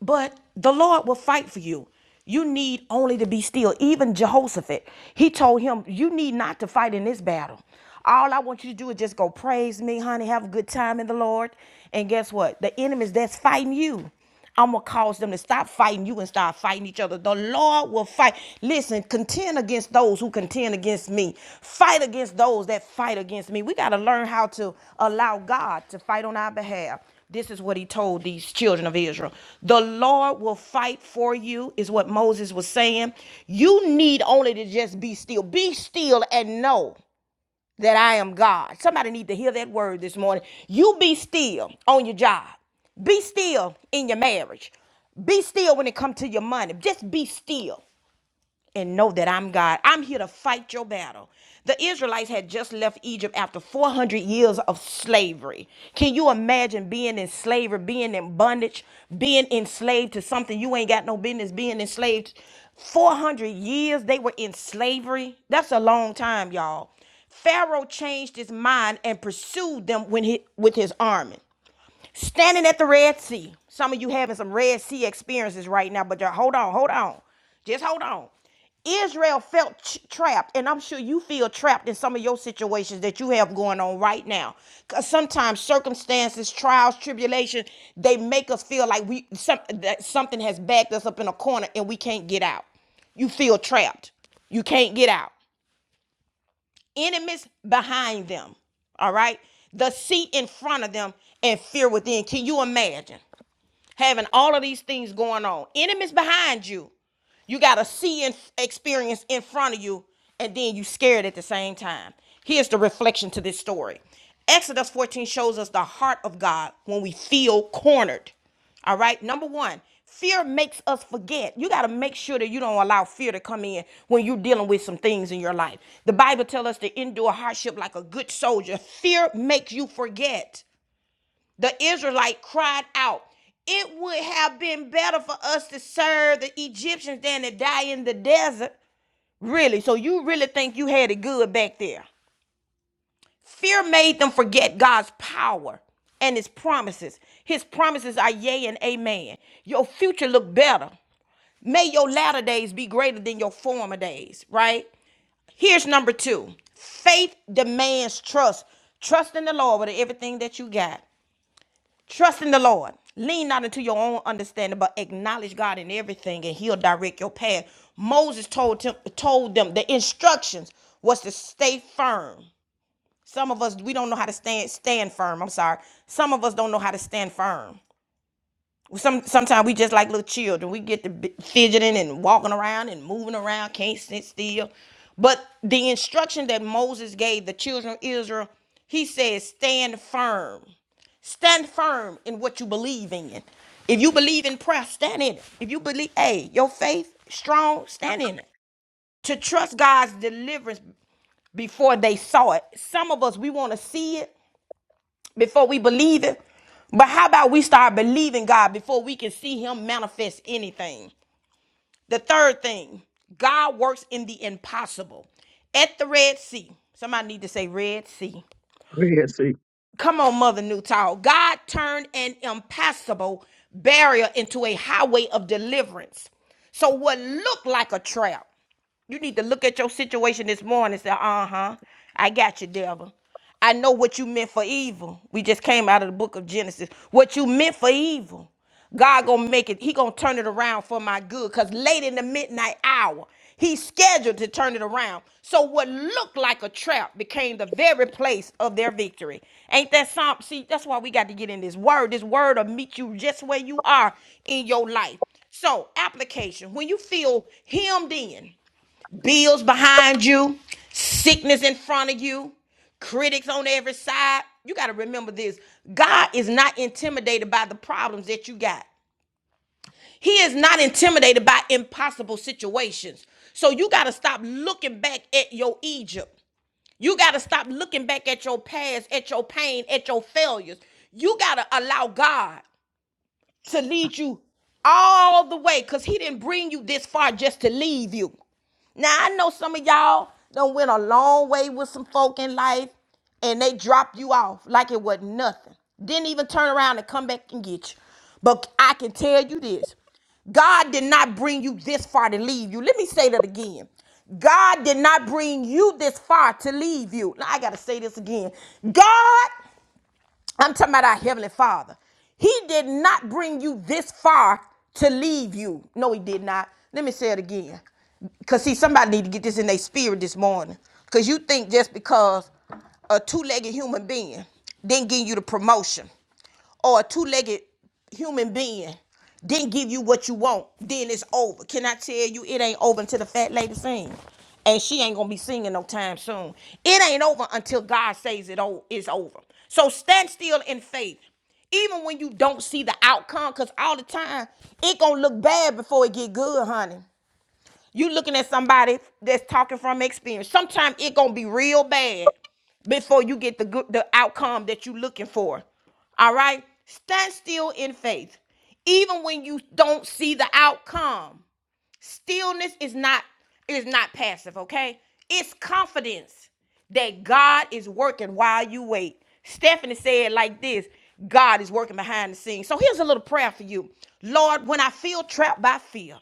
But the Lord will fight for you. You need only to be still. Even Jehoshaphat, he told him, You need not to fight in this battle. All I want you to do is just go praise me, honey, have a good time in the Lord. And guess what? The enemies that's fighting you, I'm going to cause them to stop fighting you and start fighting each other. The Lord will fight. Listen, contend against those who contend against me. Fight against those that fight against me. We got to learn how to allow God to fight on our behalf. This is what he told these children of Israel. The Lord will fight for you, is what Moses was saying. You need only to just be still. Be still and know that I am God. Somebody need to hear that word this morning. You be still on your job. Be still in your marriage. Be still when it comes to your money. Just be still and know that I'm God. I'm here to fight your battle. The Israelites had just left Egypt after 400 years of slavery. Can you imagine being in slavery, being in bondage, being enslaved to something you ain't got no business being enslaved? 400 years they were in slavery. That's a long time, y'all. Pharaoh changed his mind and pursued them when he, with his army standing at the Red Sea. Some of you having some Red Sea experiences right now, but y'all, hold on, hold on. Just hold on. Israel felt ch- trapped, and I'm sure you feel trapped in some of your situations that you have going on right now. Because sometimes circumstances, trials, tribulation, they make us feel like we some, that something has backed us up in a corner and we can't get out. You feel trapped. You can't get out. Enemies behind them. All right? The seat in front of them and fear within. Can you imagine? having all of these things going on, enemies behind you. You got to see and experience in front of you, and then you scared at the same time. Here's the reflection to this story. Exodus 14 shows us the heart of God when we feel cornered. All right. Number one, fear makes us forget. You got to make sure that you don't allow fear to come in when you're dealing with some things in your life. The Bible tells us to endure hardship like a good soldier. Fear makes you forget the Israelite cried out, It would have been better for us to serve the Egyptians than to die in the desert. Really? So you really think you had it good back there? Fear made them forget God's power and his promises. His promises are yea and amen. Your future look better. May your latter days be greater than your former days, right? Here's number two. Faith demands trust. Trust in the Lord with everything that you got. Trust in the Lord. Lean not into your own understanding, but acknowledge God in everything, and He'll direct your path. Moses told him, told them the instructions was to stay firm. Some of us we don't know how to stand stand firm. I'm sorry. Some of us don't know how to stand firm. Some sometimes we just like little children. We get to be fidgeting and walking around and moving around, can't sit still. But the instruction that Moses gave the children of Israel, he said, stand firm Stand firm in what you believe in. If you believe in prayer, stand in it. If you believe, hey, your faith strong, stand in it. To trust God's deliverance before they saw it. Some of us we want to see it before we believe it. But how about we start believing God before we can see him manifest anything? The third thing, God works in the impossible. At the Red Sea. Somebody need to say Red Sea. Come on, Mother Newtall. God turned an impassable barrier into a highway of deliverance. So, what looked like a trap you need to look at your situation this morning and say, uh huh, I got you, devil. I know what you meant for evil. We just came out of the book of Genesis. What you meant for evil, God gonna make it, He gonna turn it around for my good. Cause late in the midnight hour, He's scheduled to turn it around. So what looked like a trap became the very place of their victory. Ain't that something? See, that's why we got to get in this word. This word will meet you just where you are in your life. So, application. When you feel hemmed in, bills behind you, sickness in front of you, critics on every side. You got to remember this God is not intimidated by the problems that you got, He is not intimidated by impossible situations. So you got to stop looking back at your Egypt. You got to stop looking back at your past, at your pain, at your failures. You got to allow God to lead you all the way because he didn't bring you this far just to leave you. Now I know some of y'all done went a long way with some folk in life and they dropped you off like it was nothing. Didn't even turn around and come back and get you. But I can tell you this. God did not bring you this far to leave you. Let me say that again. God did not bring you this far to leave you. Now I gotta say this again. God I'm talking about our Heavenly Father. He did not bring you this far to leave you. No, he did not. Let me say it again. Because, see, somebody need to get this in their spirit this morning. Because you think just because a two-legged human being didn't give you the promotion or a two-legged human being didn't give you what you want, then it's over. Can I tell you it ain't over until the fat lady sings? And she ain't gonna be singing no time soon. It ain't over until God says it o- it's over. So stand still in faith. Even when you don't see the outcome, because all the time it gonna look bad before it get good, honey. You looking at somebody that's talking from experience. Sometimes it gonna be real bad before you get the good the outcome that you looking for. All right? Stand still in faith. Even when you don't see the outcome stillness is not is not passive okay it's confidence that god is working while you wait stephanie said like this god is working behind the scenes so here's a little prayer for you lord when i feel trapped by fear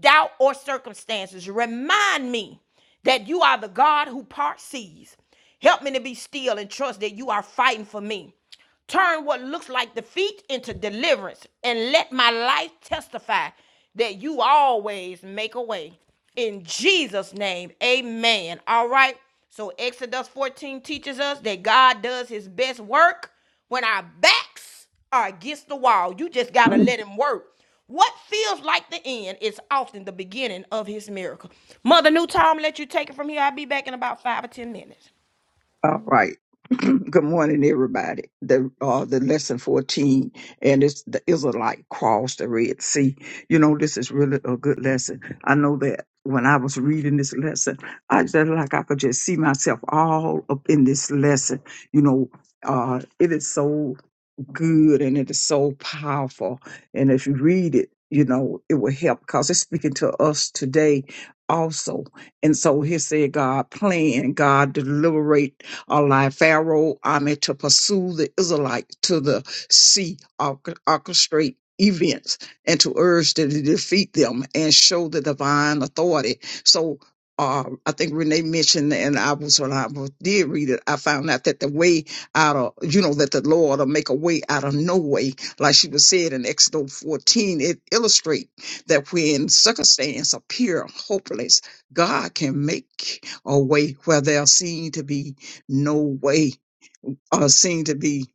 doubt or circumstances remind me that you are the god who part seas help me to be still and trust that you are fighting for me Turn what looks like defeat into deliverance and let my life testify that you always make a way. In Jesus' name, amen. All right. So, Exodus 14 teaches us that God does his best work when our backs are against the wall. You just got to
Mm.
let him work. What feels like the end is often the beginning of his miracle. Mother Newton, let you take it from here. I'll be back in about five or 10 minutes.
All right. Good morning, everybody. The uh, the lesson fourteen, and it's the Israelite crossed the Red Sea. You know, this is really a good lesson. I know that when I was reading this lesson, I just like I could just see myself all up in this lesson. You know, uh, it is so good and it is so powerful. And if you read it, you know, it will help because it's speaking to us today also. And so here said God plan, God deliberate a life Pharaoh, I to pursue the Israelite to the sea, orch- orchestrate events and to urge them to defeat them and show the divine authority. So uh, I think Renee mentioned, and I was when I was- did read it, I found out that the way out of, you know, that the Lord will make a way out of no way. Like she was said in Exodus 14, it illustrates that when circumstances appear hopeless, God can make a way where there seem to be no way, or seem to be,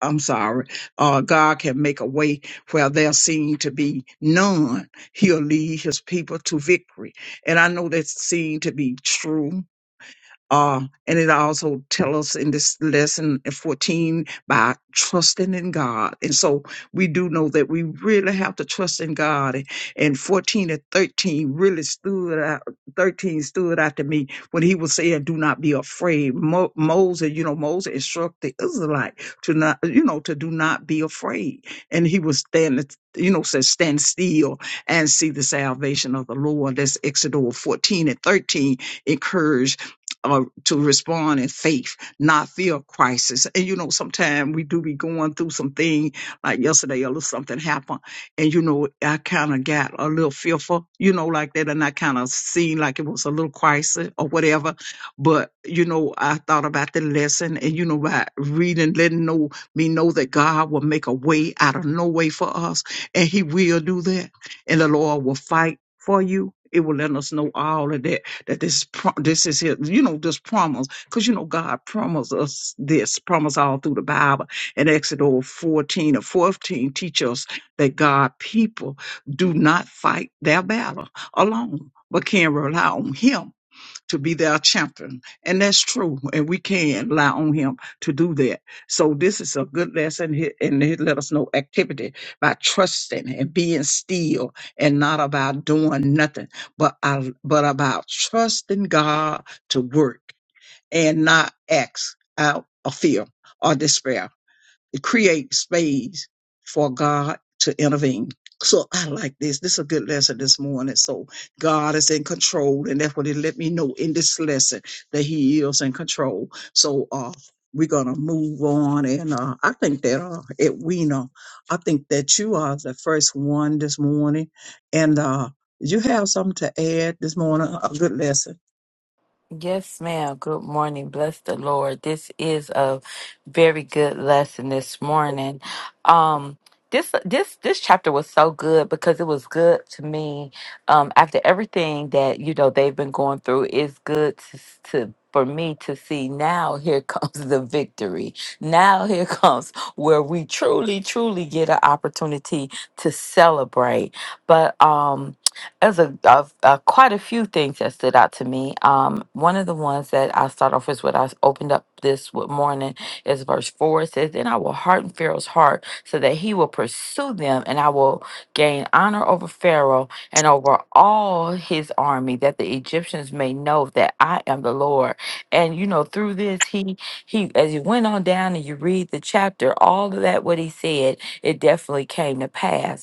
I'm sorry, uh, God can make a way where there seem to be none. He'll lead his people to victory. And I know that seemed to be true uh, and it also tells us in this lesson in 14 by trusting in God. And so we do know that we really have to trust in God. And, and 14 and 13 really stood out, 13 stood out to me when he was saying, do not be afraid. Mo- Moses, you know, Moses instructed the Israelite to not, you know, to do not be afraid. And he was standing, you know, says stand still and see the salvation of the Lord. That's Exodus 14 and 13 encourage uh, to respond in faith, not fear of crisis. And you know, sometimes we do be going through some thing like yesterday, a little something happened, and you know, I kind of got a little fearful, you know, like that, and I kind of seen like it was a little crisis or whatever. But you know, I thought about the lesson, and you know, by reading, letting know me know that God will make a way out of no way for us, and He will do that, and the Lord will fight for you. It will let us know all of that that this pro- this is his, you know, this promise, because you know God promised us this, promise all through the Bible. And Exodus 14 or 14 teach us that God people do not fight their battle alone, but can rely on him to be their champion. And that's true. And we can rely on him to do that. So this is a good lesson. he- And he let us know activity by trusting and being still and not about doing nothing, but, I, but about trusting God to work and not acts out of fear or despair create space for God to intervene. So I like this. This is a good lesson this morning. So God is in control, and that's what He let me know in this lesson that He is in control. So uh, we're gonna move on, and uh, I think that uh, Edwina, I think that you are the first one this morning, and uh, you have something to add this morning. A good lesson.
Yes, ma'am. Good morning. Bless the Lord. This is a very good lesson this morning. Um, this this this chapter was so good because it was good to me. Um, after everything that you know they've been going through, it's good to, to for me to see now. Here comes the victory. Now here comes where we truly, truly get an opportunity to celebrate. But um, there's a, a, a quite a few things that stood out to me. Um, one of the ones that I start off with, what I s- opened up this w- morning, is verse four. It says, "Then I will harden Pharaoh's heart, so that he will pursue them, and I will gain honor over Pharaoh and over all his army, that the Egyptians may know that I am the Lord." And you know, through this, he he as you went on down and you read the chapter, all of that what he said, it definitely came to pass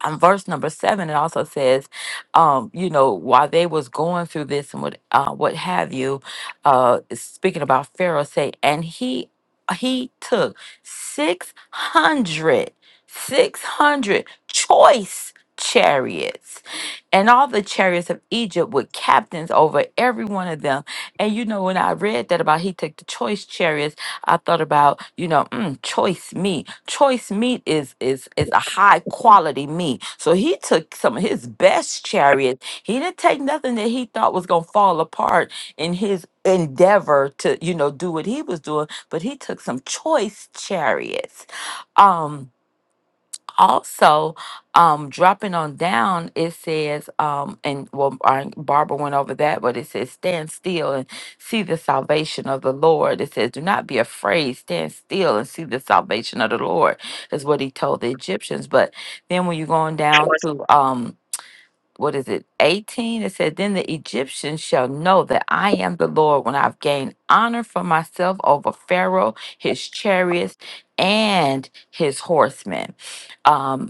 um, verse number seven, it also says, um, you know, while they was going through this and what uh, what have you, uh, speaking about Pharaoh, say, and he he took 600 600 choice chariots and all the chariots of Egypt with captains over every one of them. And you know, when I read that about he took the choice chariots, I thought about, you know, mm, choice meat. Choice meat is is is a high quality meat. So he took some of his best chariots. He didn't take nothing that he thought was gonna fall apart in his endeavor to, you know, do what he was doing, but he took some choice chariots. Um also um dropping on down it says um and well our- barbara went over that but it says stand still and see the salvation of the lord it says do not be afraid stand still and see the salvation of the lord is what he told the egyptians but then when you're going down to um what is it 18 it said then the egyptians shall know that i am the lord when i've gained honor for myself over pharaoh his chariots and his horsemen Um,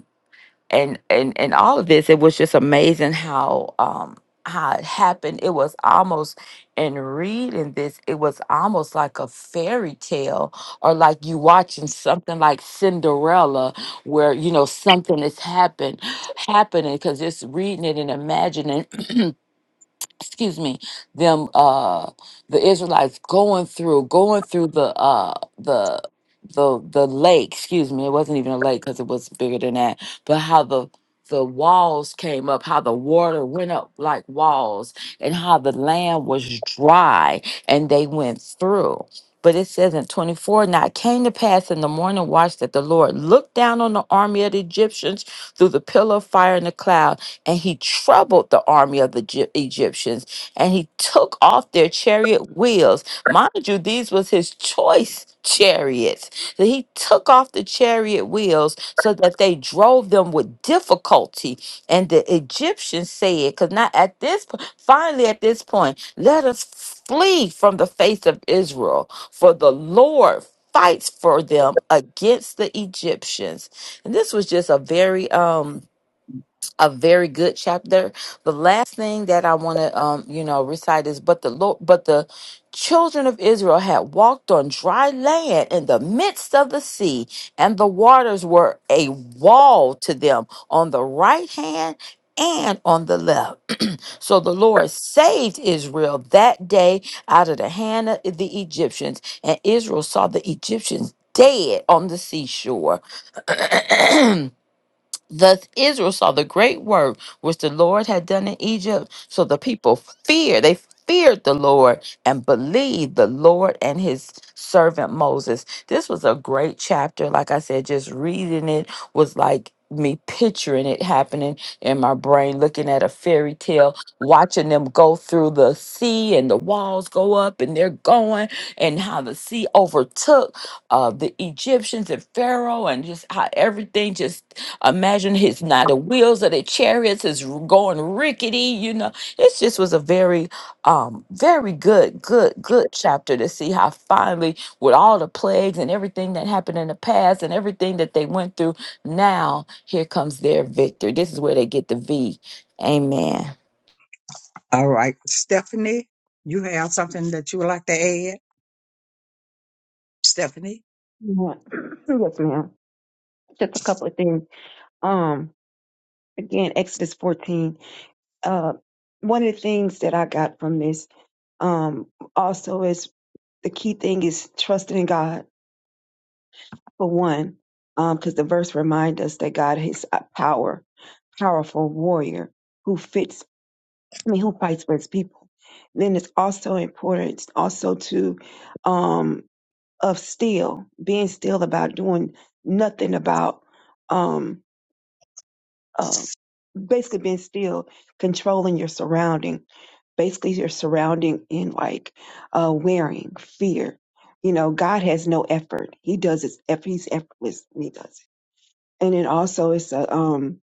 and and and all of this it was just amazing how um how it happened it was almost in reading this it was almost like a fairy tale or like you watching something like cinderella where you know something is happen happening because just reading it and imagining excuse me them uh the israelites going through going through the uh the the the lake excuse me it wasn't even a lake because it was bigger than that but how the the walls came up how the water went up like walls and how the land was dry and they went through but it says in 24 now it came to pass in the morning watch that the lord looked down on the army of the egyptians through the pillar of fire and the cloud and he troubled the army of the Gy- Egyptians, and he took off their chariot wheels. Mind you, these was his choice chariots. So he took off the chariot wheels so that they drove them with difficulty. And the Egyptians said, because now at this point, finally at this point, let us flee from the face of Israel, for the Lord fights for them against the Egyptians. And this was just a very um a very good chapter. The last thing that I want to, um, you know, recite is, but the Lord, but the children of Israel had walked on dry land in the midst of the sea, and the waters were a wall to them on the right hand and on the left. So the Lord saved Israel that day out of the hand of the Egyptians, and Israel saw the Egyptians dead on the seashore. Thus Israel saw the great work which the Lord had done in Egypt. So the people feared, they feared the Lord and believed the Lord and his servant Moses. This was a great chapter. Like I said, just reading it was like me picturing it happening in my brain, looking at a fairy tale, watching them go through the sea and the walls go up and they're going, and how the sea overtook uh, the Egyptians and Pharaoh, and just how everything just Imagine his now the wheels of the chariots is going rickety. You know, it just was a very, um, very good, good, good chapter to see how finally, with all the plagues and everything that happened in the past and everything that they went through, now here comes their victory. This is where they get the V. Amen.
All right. Stephanie, you have something that you would like to add? Stephanie?
Yeah. Yes, ma'am. Just a couple of things. Um, again, Exodus 14. Uh, one of the things that I got from this, um, also is the key thing is trusting in God. for one, because the verse reminds us that God is a power, powerful warrior who fits. I mean, who fights for his people. Then it's also important, also to um, of still being still about doing nothing about um, uh, basically being still, controlling your surrounding basically your surrounding in like uh wearing fear you know god has no effort he does his effort. he's effortless when he does it and it also is uh, um,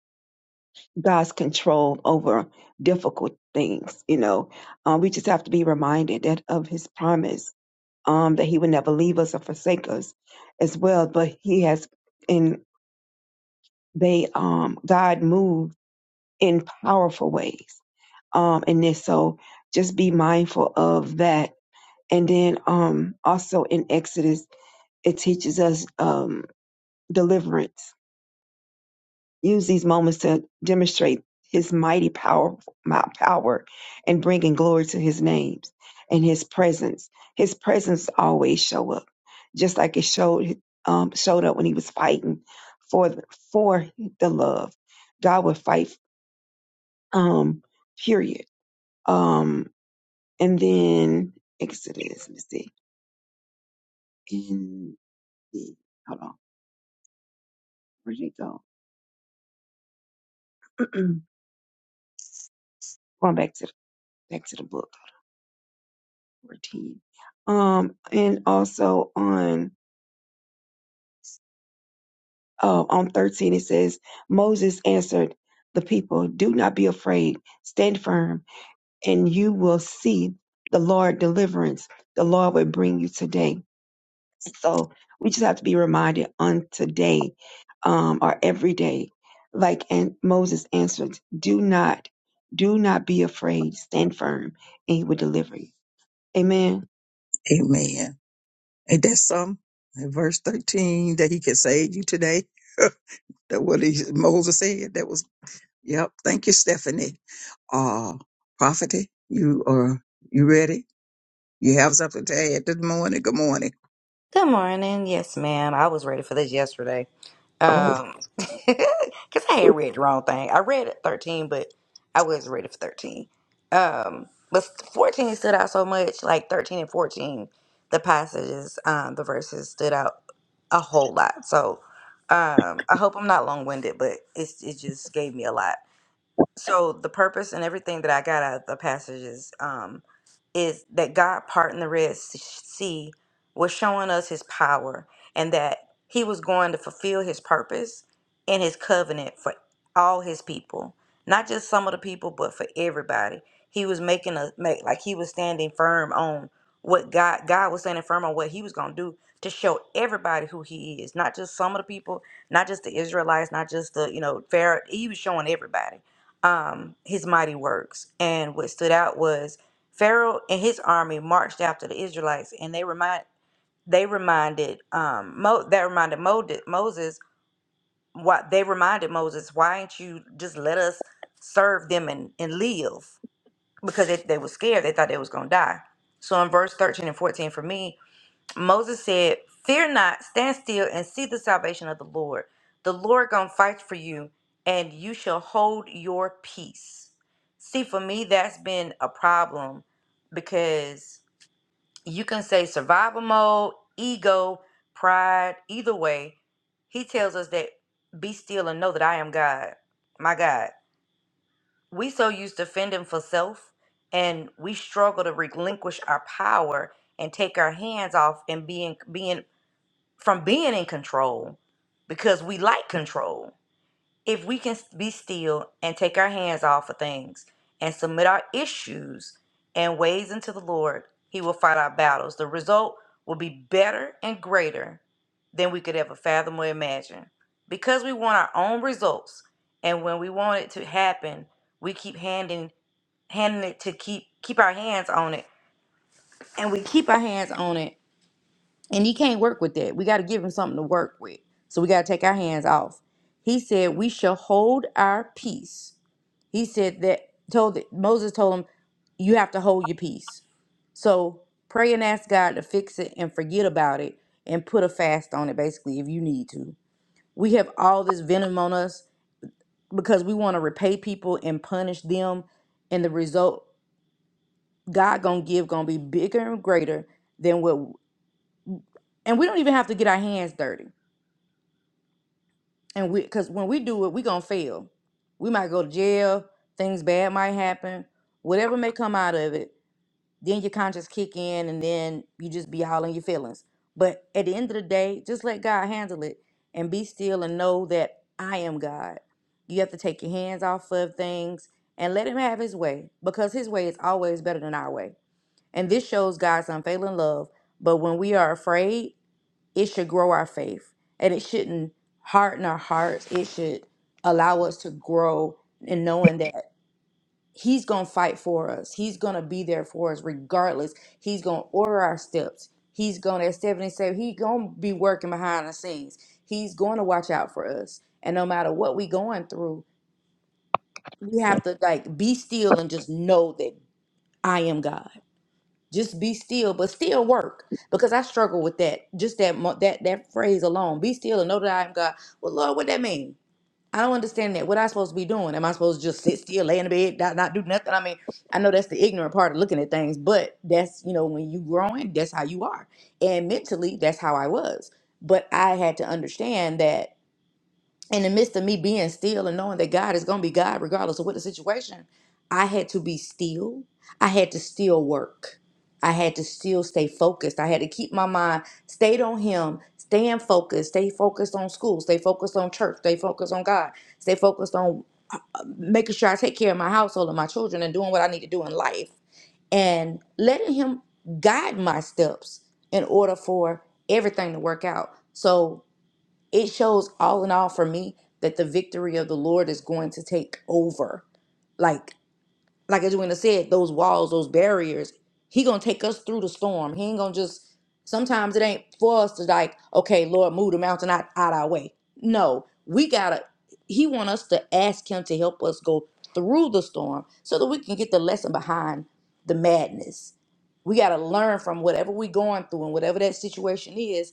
God's control over difficult things. You know, um, we just have to be reminded that of His promise um, that He would never leave us or forsake us, as well. But He has, and they, um, God moved in powerful ways um, in this. So just be mindful of that. And then um, also in Exodus, it teaches us um, deliverance use these moments to demonstrate his mighty power, my power and bringing glory to his names and his presence. His presence always show up, just like it showed um, showed up when he was fighting for the, for the love. God would fight. Um, period. Um, and then Exodus. Let me see. In the hold on, where did it go? Going back to the, back to the book 14. Um, and also on uh, on 13 it says Moses answered the people, "Do not be afraid. Stand firm, and you will see the Lord deliverance. The Lord will bring you today." So we just have to be reminded on today, um, or every day, like and Moses answered, "Do not, do not be afraid. Stand firm, and He will deliver you." Amen.
Amen. Ain't that some? In verse 13, that he can save you today. that what he, Moses said. That was, yep. Thank you, Stephanie. Uh, Prophet, you are, you ready? You have something to add this morning? Good morning.
Good morning. Yes, ma'am. I was ready for this yesterday.
Oh,
Um, cause I had read the wrong thing. I read it 13, but I was ready for 13. Um, but 14 stood out so much, like 13 and 14, the passages, um, the verses stood out a whole lot. So, um, I hope I'm not long winded, but it's, it just gave me a lot so the purpose and everything that I got out of the passages um, is that God parting the Red Sea was showing us His power and that He was going to fulfill His purpose and His covenant for all His people, not just some of the people, but for everybody. He was making a make like He was standing firm on what God God was standing firm on what He was going to do to show everybody who He is, not just some of the people, not just the Israelites, not just the you know Pharaoh. He was showing everybody um, his mighty works. And what stood out was Pharaoh and his army marched after the Israelites, and they remind they reminded um Mo that reminded Mo, Moses what they reminded Moses, why ain't you just let us serve them and, and live? Because they, they were scared, they thought they was gonna die. So in verse 13 and 14 for me, Moses said, Fear not, stand still and see the salvation of the Lord. The Lord gonna fight for you, and you shall hold your peace. See, for me, that's been a problem because you can say survival mode, ego, pride, either way. He tells us that be still and know that I am God, my God. We so used to fending for self, and we struggle to relinquish our power and take our hands off and being being from being in control because we like control. If we can be still and take our hands off of things and submit our issues and ways into the Lord, He will fight our battles. The result will be better and greater than we could ever fathom or imagine. Because we want our own results, and when we want it to happen, we keep handing handing it to keep keep our hands on it, and we keep our hands on it and he can't work with that. We got to give him something to work with. So we got to take our hands off. He said, We shall hold our peace. He said that, told that Moses told him, You have to hold your peace. So pray and ask God to fix it and forget about it and put a fast on it, basically, if you need to. We have all this venom on us because we want to repay people and punish them. And the result God gonna give gonna be bigger and greater than what and we don't even have to get our hands dirty and we because when we do it we gonna fail we might go to jail things bad might happen whatever may come out of it then your conscience kick in and then you just be all in your feelings but at the end of the day just let god handle it and be still and know that i am god you have to take your hands off of things and let him have his way because his way is always better than our way and this shows god's unfailing love but when we are afraid it should grow our faith and it shouldn't harden our hearts. It should allow us to grow in knowing that He's going to fight for us. He's going to be there for us regardless. He's going to order our steps. He's going to, as Stephanie said, He's going to be working behind the scenes. He's going to watch out for us. And no matter what we going through, we have to like be still and just know that I am God. Just be still, but still work because I struggle with that. Just that mo- that that phrase alone, be still and know that I am God. Well, Lord, what that mean? I don't understand that. What I supposed to be doing? Am I supposed to just sit still, lay in the bed, not, not do nothing? I mean, I know that's the ignorant part of looking at things, but that's you know when you growing, that's how you are, and mentally, that's how I was. But I had to understand that in the midst of me being still and knowing that God is going to be God regardless of what the situation, I had to be still. I had to still work. I had to still stay focused. I had to keep my mind stayed on Him, staying focused, stay focused on school, stay focused on church, stay focused on God, stay focused on uh, making sure I take care of my household and my children and doing what I need to do in life and letting Him guide my steps in order for everything to work out. So it shows all in all for me that the victory of the Lord is going to take over. Like like as Edwina said, those walls, those barriers, he gonna take us through the storm. He ain't gonna just sometimes it ain't for us to like, okay, Lord, move the mountain out, out our way. No, we gotta he want us to ask him to help us go through the storm so that we can get the lesson behind the madness. We gotta learn from whatever we going through and whatever that situation is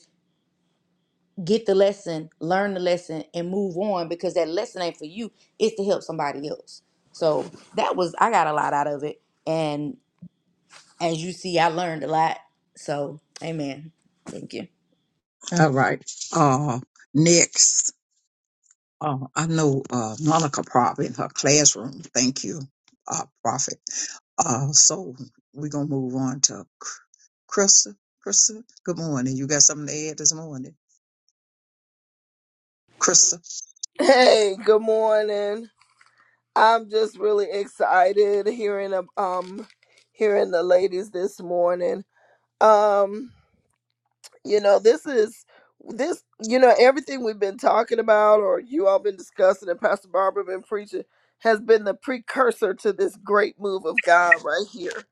get the lesson, learn the lesson, and move on because that lesson ain't for you. It's to help somebody else. So that was I got a lot out of it, and as you see, I learned a lot. So amen. Thank you.
all right. Uh, next. Uh, I know uh, Monica probably in her classroom. Thank you, uh, Prophet. Uh, so we're gonna move on to Chr- Krista. Krista, good morning. You got something to add this morning, Krista?
Hey, good morning. I'm just really excited hearing ab- um hearing the ladies this morning. Um, you know, this is this you know everything we've been talking about or you all been discussing and Pastor Barbara been preaching has been the precursor to this great move of God right here.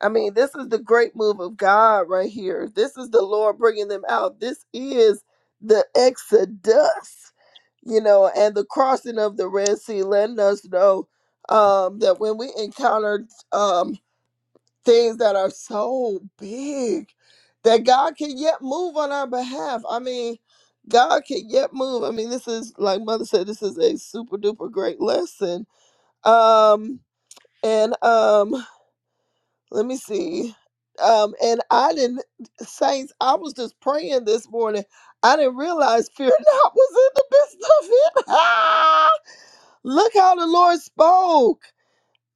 I mean, this is the great move of God right here. This is the Lord bringing them out. This is the exodus you know, and the crossing of the Red Sea letting us know um, that when we encounter um, things that are so big, that God can yet move on our behalf. I mean, God can yet move. I mean, this is like Mother said, this is a super duper great lesson. Um, and um, let me see. Um, and I didn't, saints, I was just praying this morning. I didn't realize fear not was in the midst of it. Look how the Lord spoke.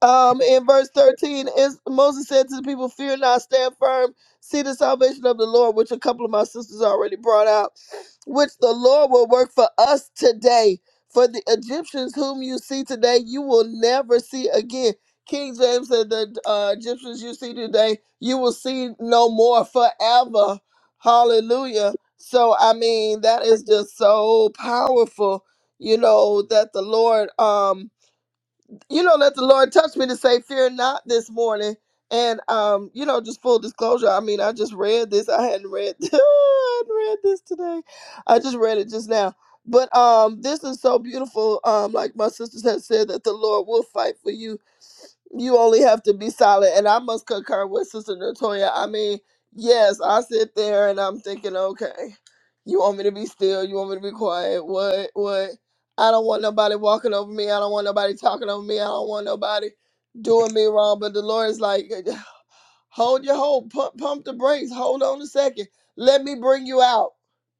Um, in verse 13, is Moses said to the people, Fear not, stand firm, see the salvation of the Lord, which a couple of my sisters already brought out, which the Lord will work for us today. For the Egyptians whom you see today, you will never see again. King James said, The uh, Egyptians you see today, you will see no more forever. Hallelujah. So, I mean, that is just so powerful, you know, that the Lord, um, you know, let the Lord touch me to say, "Fear not," this morning. And um, you know, just full disclosure. I mean, I just read this. I hadn't read. I hadn't read this today. I just read it just now. But um, this is so beautiful. Um, like my sisters have said, that the Lord will fight for you you only have to be solid. And I must concur with Sister Natoya. I mean, yes, I sit there and I'm thinking, okay, you want me to be still? You want me to be quiet? What? What? I don't want nobody walking over me. I don't want nobody talking over me. I don't want nobody doing me wrong. But the Lord is like, hold your hold, pump, pump the brakes, hold on a second. Let me bring you out.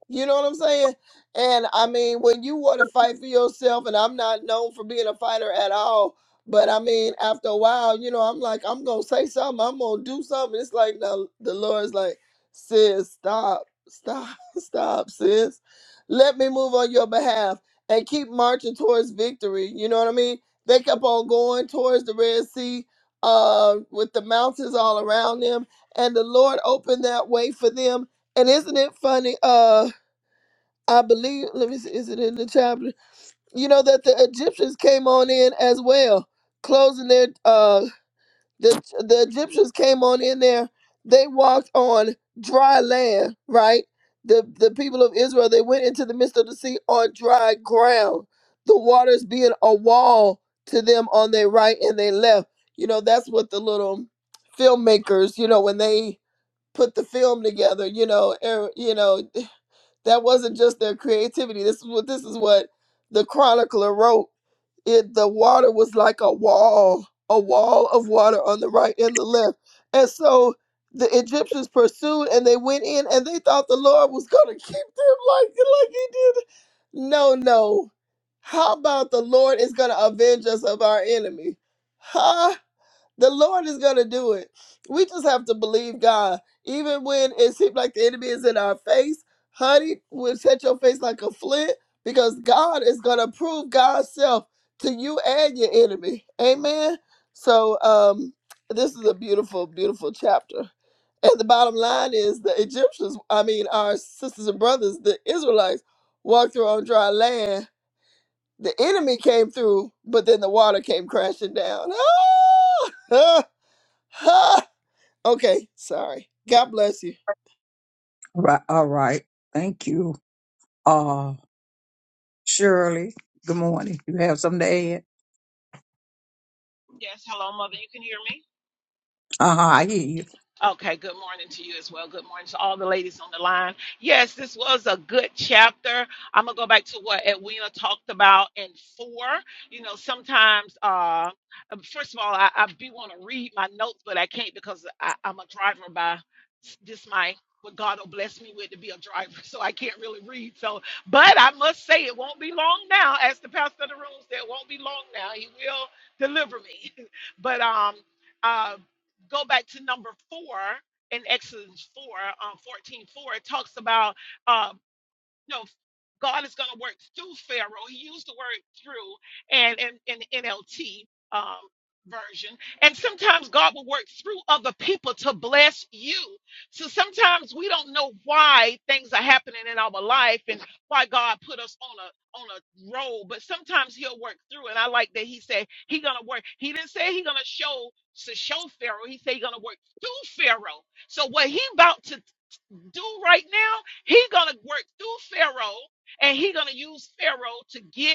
You know what I'm saying? And I mean, when you want to fight for yourself, and I'm not known for being a fighter at all, but I mean, after a while, you know, I'm like, I'm gonna say something, I'm gonna do something. It's like now the Lord's like, sis, stop, stop, stop, sis. Let me move on your behalf and keep marching towards victory. You know what I mean? They kept on going towards the Red Sea, uh, with the mountains all around them, and the Lord opened that way for them. And isn't it funny? Uh, I believe. Let me see. Is it in the chapter? you know that the Egyptians came on in as well, closing their uh the the Egyptians came on in there. They walked on dry land, right? The the people of Israel they went into the midst of the sea on dry ground. The waters being a wall to them on their right and their left. You know that's what the little filmmakers, you know, when they put the film together, you know, er, you know, that wasn't just their creativity. This is what this is what the chronicler wrote it the water was like a wall, a wall of water on the right and the left. And so the Egyptians pursued and they went in and they thought the Lord was gonna keep them like like he did. No, no. How about the Lord is gonna avenge us of our enemy? Huh? The Lord is going to do it. We just have to believe God. Even when it seems like the enemy is in our face, honey, we'll set your face like a flint because God is going to prove God's self to you and your enemy. Amen. So, um, this is a beautiful, beautiful chapter. And the bottom line is the Egyptians, I mean, our sisters and brothers, the Israelites, walked through on dry land. The enemy came through, but then the water came crashing down. Ah! Okay, sorry. God bless you.
Right. All right. Thank you. Uh, Shirley, good morning. You have something to add?
Yes, hello, Mother. You can hear me?
Uh huh. I hear you.
Okay, good morning to you as well. Good morning to all the ladies on the line. Yes, this was a good chapter. I'm going to go back to what Edwina talked about in four. You know, sometimes, uh, first of all, I, I do want to read my notes, but I can't because I, I'm a driver by this my what God will bless me with to be a driver, so I can't really read. So, but I must say, it won't be long now. As the pastor of the room said, it won't be long now. He will deliver me. but um, uh, go back to number four in Exodus 4, um, 14, four, it talks about uh, no, God is going to work through Pharaoh. He used the word through and in, in the NLT um, version. And sometimes God will work through other people to bless you. So sometimes we don't know why things are happening in our life and why God put us on a on a road, but sometimes he'll work through. And I like that he said he gonna work. He didn't say he gonna show to show Pharaoh. He said he gonna work through Pharaoh. So what he about to do right now, he gonna work through Pharaoh and he gonna use Pharaoh to get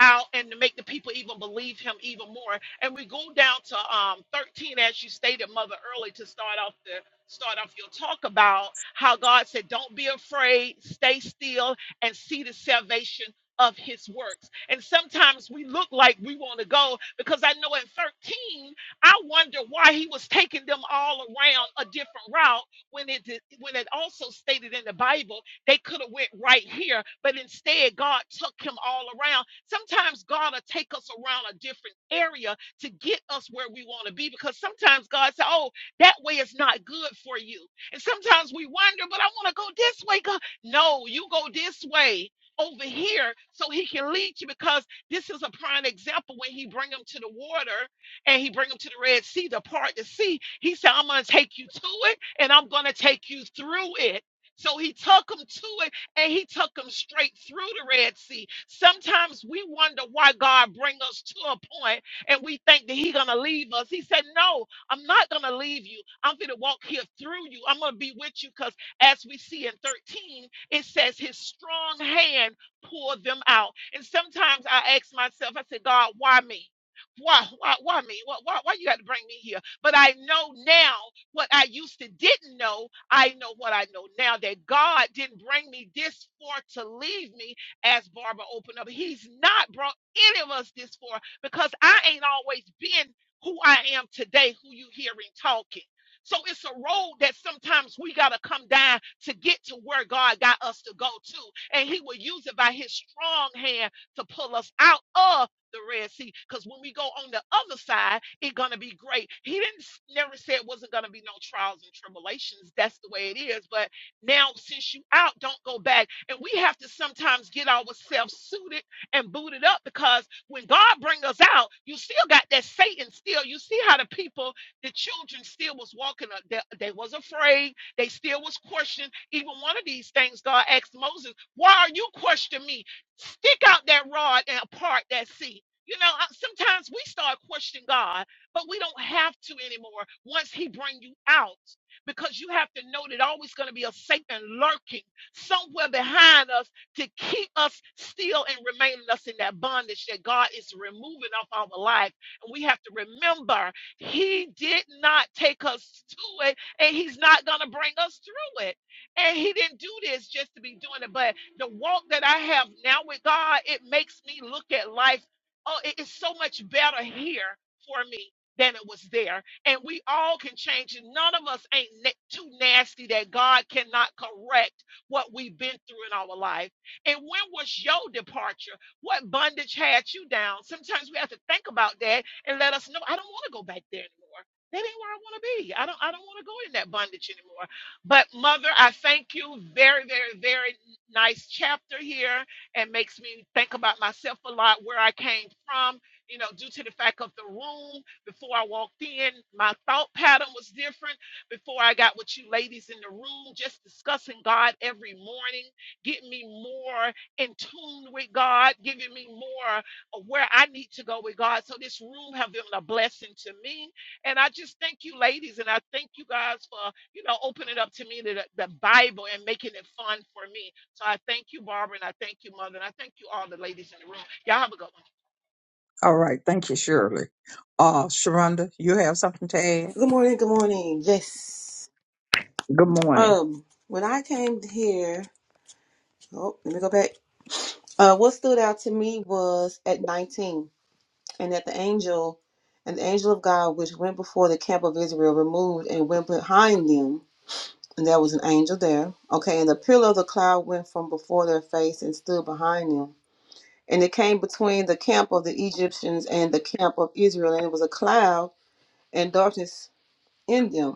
out and to make the people even believe him even more. And we go down to um 13, as you stated, Mother, early to start off the start off your talk about how God said, Don't be afraid, stay still, and see the salvation of his works. And sometimes we look like we want to go because I know in 13, I wonder why he was taking them all around a different route when it did- when it also stated in the Bible. They could have went right here, but instead God took him all around. Sometimes God will take us around a different area to get us where we want to be because sometimes God said, "Oh, that way is not good for you." And sometimes we wonder, "But I want to go this way, God." No, you go this way over here so he can lead you because this is a prime example when he bring them to the water and he bring them to the Red Sea, the part to see. He said, I'm gonna take you to it and I'm gonna take you through it. So he took them to it and he took them straight through the Red Sea. Sometimes we wonder why God bring us to a point and we think that he's going to leave us. He said, no, I'm not going to leave you. I'm going to walk here through you. I'm going to be with you because as we see in 13, it says his strong hand pulled them out. And sometimes I ask myself, I say, God, why me? Why, why, why me? Why, why, why you got to bring me here? But I know now what I used to didn't know I know what I know now that God didn't bring me this far to leave me as Barbara opened up. He's not brought any of us this far because I ain't always been who I am today, who you hearing talking. So it's a road that sometimes we got to come down to get to where God got us to go to. And he will use it by his strong hand to pull us out of the Red Sea. Because when we go on the other side, it's gonna be great. He didn't s- never say it wasn't gonna be no trials and tribulations. That's the way it is. But now since you out, don't go back. And we have to sometimes get ourselves suited and booted up because when God bring us out, you still got that Satan still. You see how the people, the children still was walking up. They, they was afraid. They still was questioning. Even one of these things, God asked Moses, why are you questioning me? Stick out that rod and part that sea you know, I, sometimes we start questioning God, but we don't have to anymore once he bring you out because you have to know that always going to be a Satan lurking somewhere behind us to keep us still and remaining us in that bondage that God is removing off our life. And we have to remember he did not take us to it and he's not going to bring us through it. And he didn't do this just to be doing it, but the walk that I have now with God, it makes me look at life oh, it is so much better here for me than it was there. And we all can change it. None of us ain't na- too nasty that God cannot correct what we've been through in our life. And when was your departure? What bondage had you down? Sometimes we have to think about that and let us know, I don't want to go back there anymore. That ain't where I want to be. I don't I don't want to go in that bondage anymore. But mother, I thank you. Very, very, very nice chapter here and makes me think about myself a lot, where I came from, you know, due to the fact of the room. Before I walked in, my thought pattern was different. Before I got with you ladies in the room, just discussing God every morning, getting me more in tune with God, giving me more of where I need to go with God. So this room have been a blessing to me. And I just thank you ladies and I thank you guys for you know, opening up to me the, the Bible and making it fun for me. So I thank you, Barbara, and I thank you, Mother, and I thank you all the ladies in the room. Y'all have a good one.
All right. Thank you, Shirley. Uh, Sharonda, you have something to add?
Good morning, good morning. Yes.
Good morning.
Um, when I came here, oh, let me go back. Uh, what stood out to me was at 19, and that the angel and the angel of God, which went before the camp of Israel, removed and went behind them. And there was an angel there. Okay, and the pillar of the cloud went from before their face and stood behind them. And it came between the camp of the Egyptians and the camp of Israel, and it was a cloud and darkness in them.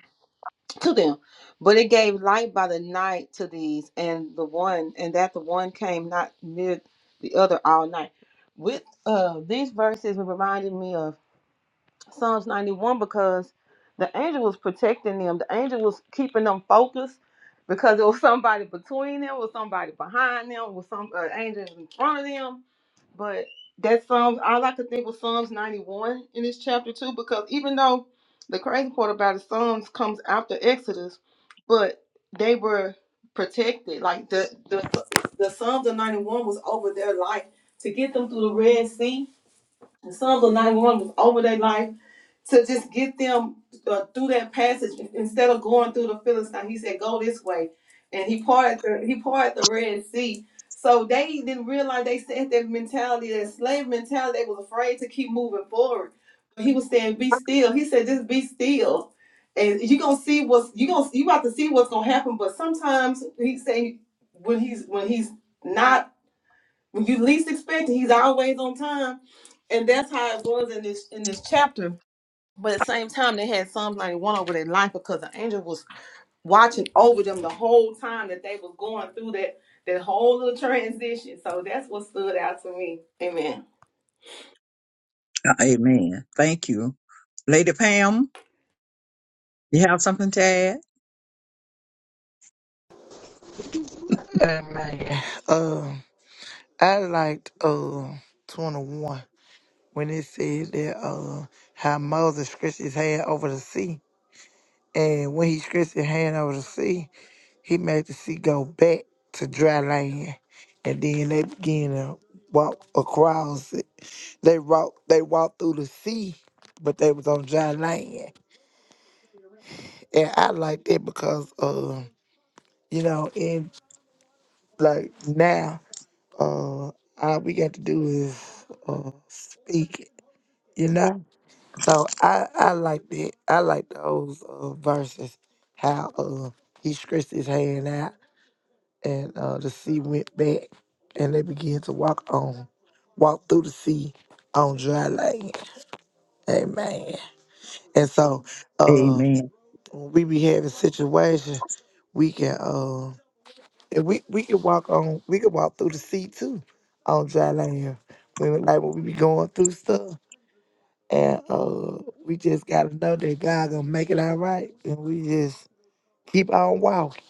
to them. But it gave light by the night to these, and the one, and that the one came not near the other all night. With uh, these verses, it reminded me of Psalms 91 because the angel was protecting them. The angel was keeping them focused because it was somebody between them, was somebody behind them, was some uh, angel in front of them. But that Psalms, all I could think was Psalms 91 in this chapter too, because even though the crazy part about it, Psalms comes after Exodus, but they were protected. Like the the the Psalms of 91 was over their life to get them through the Red Sea the Psalms of 91 was over their life to just get them uh, through that passage instead of going through the Philistine. He said, "Go this way," and he parted the he parted the Red Sea. So they didn't realize they said that mentality, that slave mentality. They was afraid to keep moving forward. But he was saying, "Be still." He said, "Just be still." And you gonna see what's you gonna you about to see what's gonna happen. But sometimes he saying when he's when he's not when you least expect it, he's always on time. And that's how it was in this in this chapter. But at the same time, they had Psalms 91 over their life because the angel was watching over them the whole time that they was going through that that whole little transition. So that's what stood out to me. Amen.
Amen. Thank you. Lady Pam, you have something to add?
Hey man, uh, I liked uh twenty one when it said that uh how Moses stretched his hand over the sea, and when he stretched his hand over the sea, he made the sea go back to dry land, and then they began to walk across it. They walked, they walked through the sea, but they was on dry land, and I liked that because uh, you know, in like now. uh, all we got to do is uh, speak, you know. So I, I like that. I like those uh, verses. How uh, he stretched his hand out, and uh, the sea went back, and they began to walk on, walk through the sea on dry land. Amen. And so, uh,
Amen.
when we be having situations, we can. uh, If we we could walk on, we could walk through the sea too on dry land. We would like when we be going through stuff, and uh, we just gotta know that God gonna make it all right, and we just keep on walking.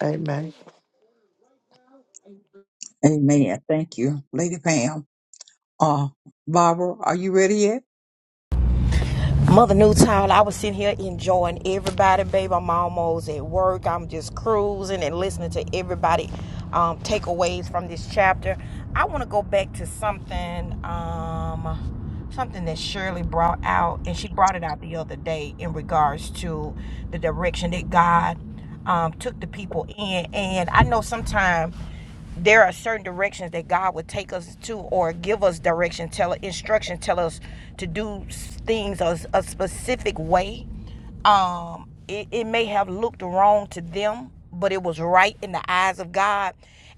Amen.
Amen. Thank you, Lady Pam. Uh, Barbara, are you ready yet?
Mother New Town, I was sitting here enjoying everybody, babe. I'm almost at work. I'm just cruising and listening to everybody um, takeaways from this chapter. I want to go back to something, um, something that Shirley brought out, and she brought it out the other day in regards to the direction that God um, took the people in. And I know sometimes there are certain directions that God would take us to or give us direction, tell instruction, tell us to do things a, a specific way. Um, it, it may have looked wrong to them, but it was right in the eyes of God.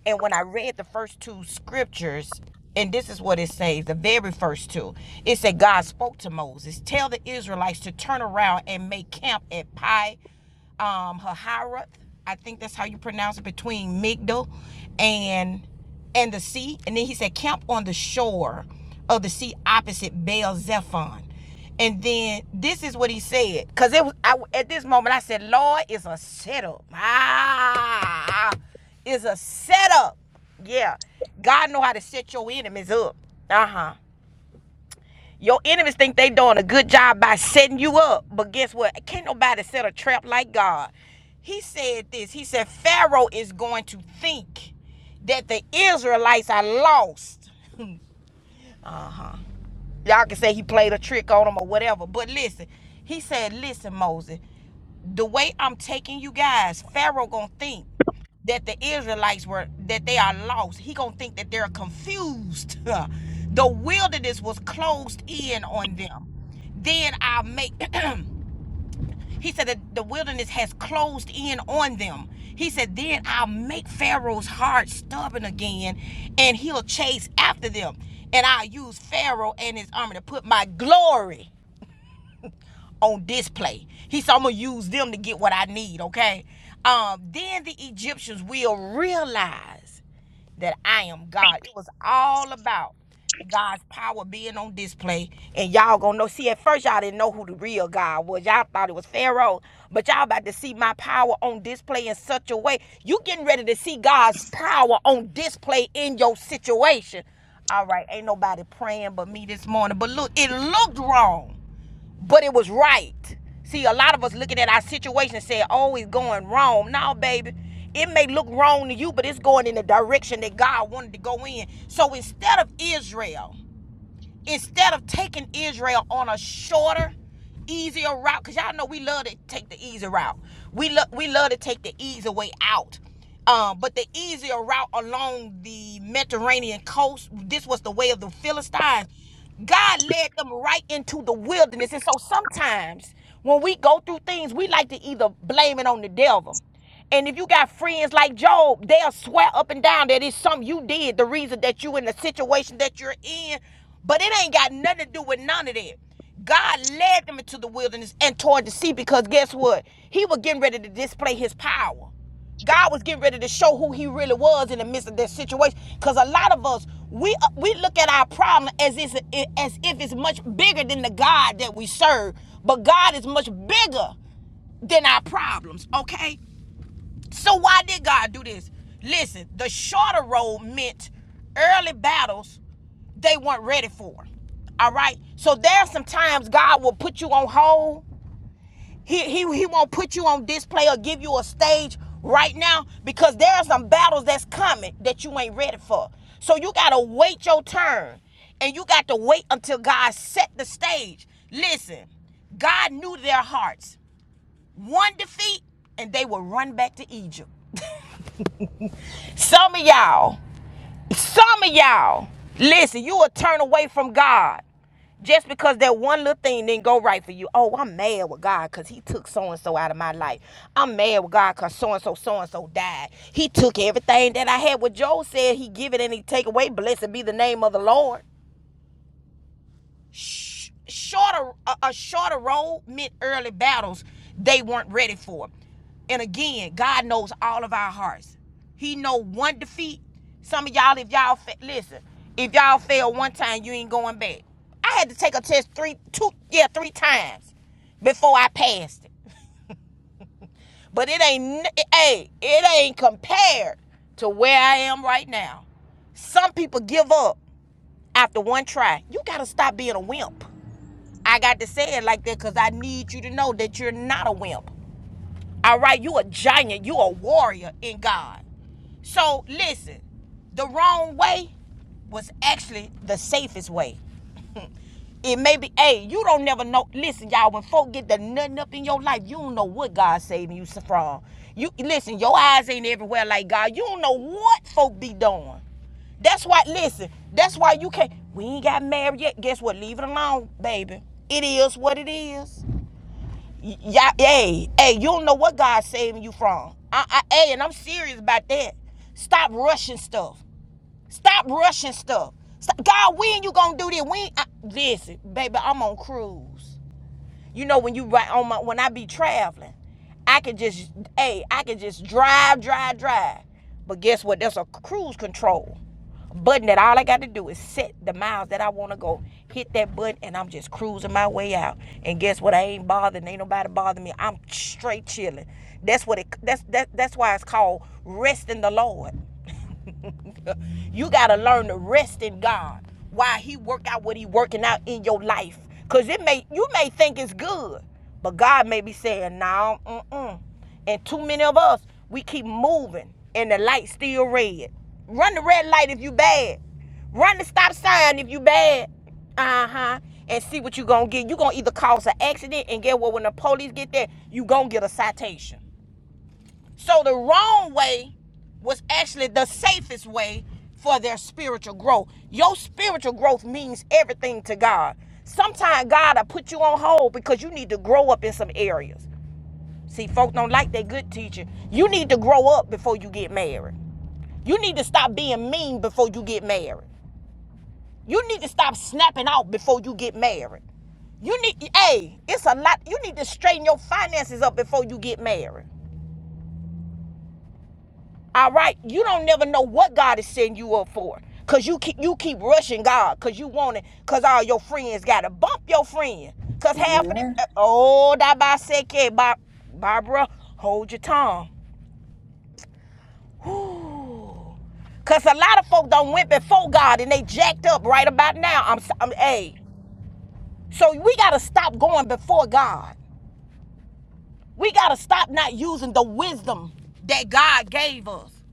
And when I read the first two scriptures, and this is what it says, the very first two. It said God spoke to Moses, tell the Israelites to turn around and make camp at Pi um Hahirath, I think that's how you pronounce it, between Migdal and and the sea. And then he said, camp on the shore of the sea opposite Baal Zephon. And then this is what he said, because it was I, at this moment I said, Lord, it's a setup. Ah, it's a setup. Yeah, God know how to set your enemies up. Uh huh. Your enemies think they doing a good job by setting you up, but guess what? Can't nobody set a trap like God. He said this. He said Pharaoh is going to think that the Israelites are lost. Uh huh. Y'all can say he played a trick on him or whatever. But listen, he said, listen, Moses, the way I'm taking you guys, Pharaoh gonna think that the Israelites were that they are lost. He gonna think that they're confused. the wilderness was closed in on them. Then I'll make He said that the wilderness has closed in on them. He said, Then I'll make Pharaoh's heart stubborn again, and he'll chase after them. And I'll use Pharaoh and his army to put my glory on display. He said, I'm going to use them to get what I need, okay? Um, then the Egyptians will realize that I am God. It was all about God's power being on display. And y'all gonna know. See, at first y'all didn't know who the real God was. Y'all thought it was Pharaoh. But y'all about to see my power on display in such a way. You getting ready to see God's power on display in your situation. All right, ain't nobody praying but me this morning. But look, it looked wrong but it was right. See, a lot of us looking at our situation and saying, "Oh, it's going wrong." No, baby, it may look wrong to you, but it's going in the direction that God wanted to go in. So instead of Israel Instead of taking Israel on a shorter, easier route, because y'all know we love to take the easy route. We love we love to take the easy way out. Um, but the easier route along the Mediterranean coast, this was the way of the Philistines. God led them right into the wilderness. And so sometimes when we go through things, we like to either blame it on the devil. And if you got friends like Job, they'll swear up and down that it's something you did, the reason that you in the situation that you're in. But it ain't got nothing to do with none of that. God led them into the wilderness and toward the sea because guess what? He was getting ready to display his power. God was getting ready to show who he really was in the midst of that situation. Because a lot of us, we uh, we look at our problem as if, as if it's much bigger than the God that we serve. But God is much bigger than our problems, okay? So why did God do this? Listen, the shorter road meant early battles they weren't ready for. All right. So there's some times God will put you on hold. He, he, he won't put you on display or give you a stage right now because there are some battles that's coming that you ain't ready for. So you gotta wait your turn. And you got to wait until God set the stage. Listen, God knew their hearts. One defeat, and they would run back to Egypt. Some of y'all, some of y'all, listen, you will turn away from God just because that one little thing didn't go right for you. Oh, I'm mad with God because he took so and so out of my life. I'm mad with God because so and so, so and so died. He took everything that I had. What Joel said, he give it and he take away. Blessed be the name of the Lord sh- shorter a, a shorter road meant early battles they weren't ready for. And again, God knows all of our hearts. He know one defeat. Some of y'all, if y'all fa- listen, if y'all fail one time, you ain't going back. I had to take a test three, two, yeah, three times before I passed it. But it ain't, n- hey, it ain't compared to where I am right now. Some people give up after one try. You gotta stop being a wimp. I got to say it like that because I need you to know that you're not a wimp. All right, you a giant, you a warrior in God. So listen, the wrong way was actually the safest way. It may be, hey, you don't never know. Listen, y'all, when folk get the nothing up in your life, you don't know what God saving you from. You listen, your eyes ain't everywhere like God. You don't know what folk be doing. That's why, listen, that's why you can't. We ain't got married yet. Guess what? Leave it alone, baby. It is what it is. Y- Yeah, hey, hey, you don't know what God's saving you from. I, I, hey, and I'm serious about that. Stop rushing stuff. Stop rushing stuff. Stop. God, when you gonna do this? When? I, listen, baby, I'm on cruise. You know when you right on my when I be traveling, I can just hey, I can just drive, drive, drive. But guess what? There's a cruise control button that all I got to do is set the miles that I want to go. Hit that button and I'm just cruising my way out. And guess what? I ain't bothered. Ain't nobody bothering me. I'm straight chilling. That's what it. That's that. That's why it's called rest in the Lord. you gotta learn to rest in God while He work out what He working out in your life. Cause it may you may think it's good, but God may be saying, no, mm-mm. And too many of us, we keep moving and the light's still red. Run the red light if you bad. Run the stop sign if you bad. Uh-huh. And see what you gonna get. you gonna either cause an accident and get what when the police get there, you gonna get a citation. So the wrong way was actually the safest way for their spiritual growth. Your spiritual growth means everything to God. Sometimes God will put you on hold because you need to grow up in some areas. See, folks don't like that good teaching. You need to grow up before you get married. You need to stop being mean before you get married. You need to stop snapping out before you get married. You need, hey, it's a lot. You need to straighten your finances up before you get married. All right, you don't never know what God is setting you up for, cause you keep you keep rushing God, cause you want it, cause all your friends gotta bump your friend, cause half of the uh,
Amen.
oh that bisected Bar- Barbara, hold your tongue, cause a lot of folk done went before God and they jacked up right about now. I'm s- I'm a, so we gotta stop going before God. We gotta stop not using the wisdom that God gave us.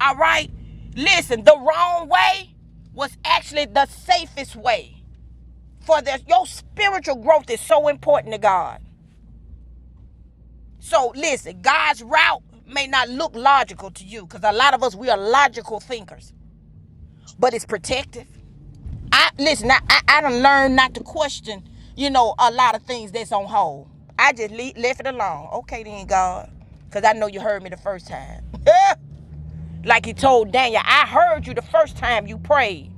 All right? Listen, the wrong way was actually the safest way for this. Your spiritual growth is so important to God. So listen, God's route may not look logical to you because a lot of us, we are logical thinkers, but it's protective. I Listen, I, I, I done learned not to question, you know, a lot of things that's on hold. I just le- left it alone. Okay then, God, because I know you heard me the first time. Like he told Daniel, I heard you the first time you prayed.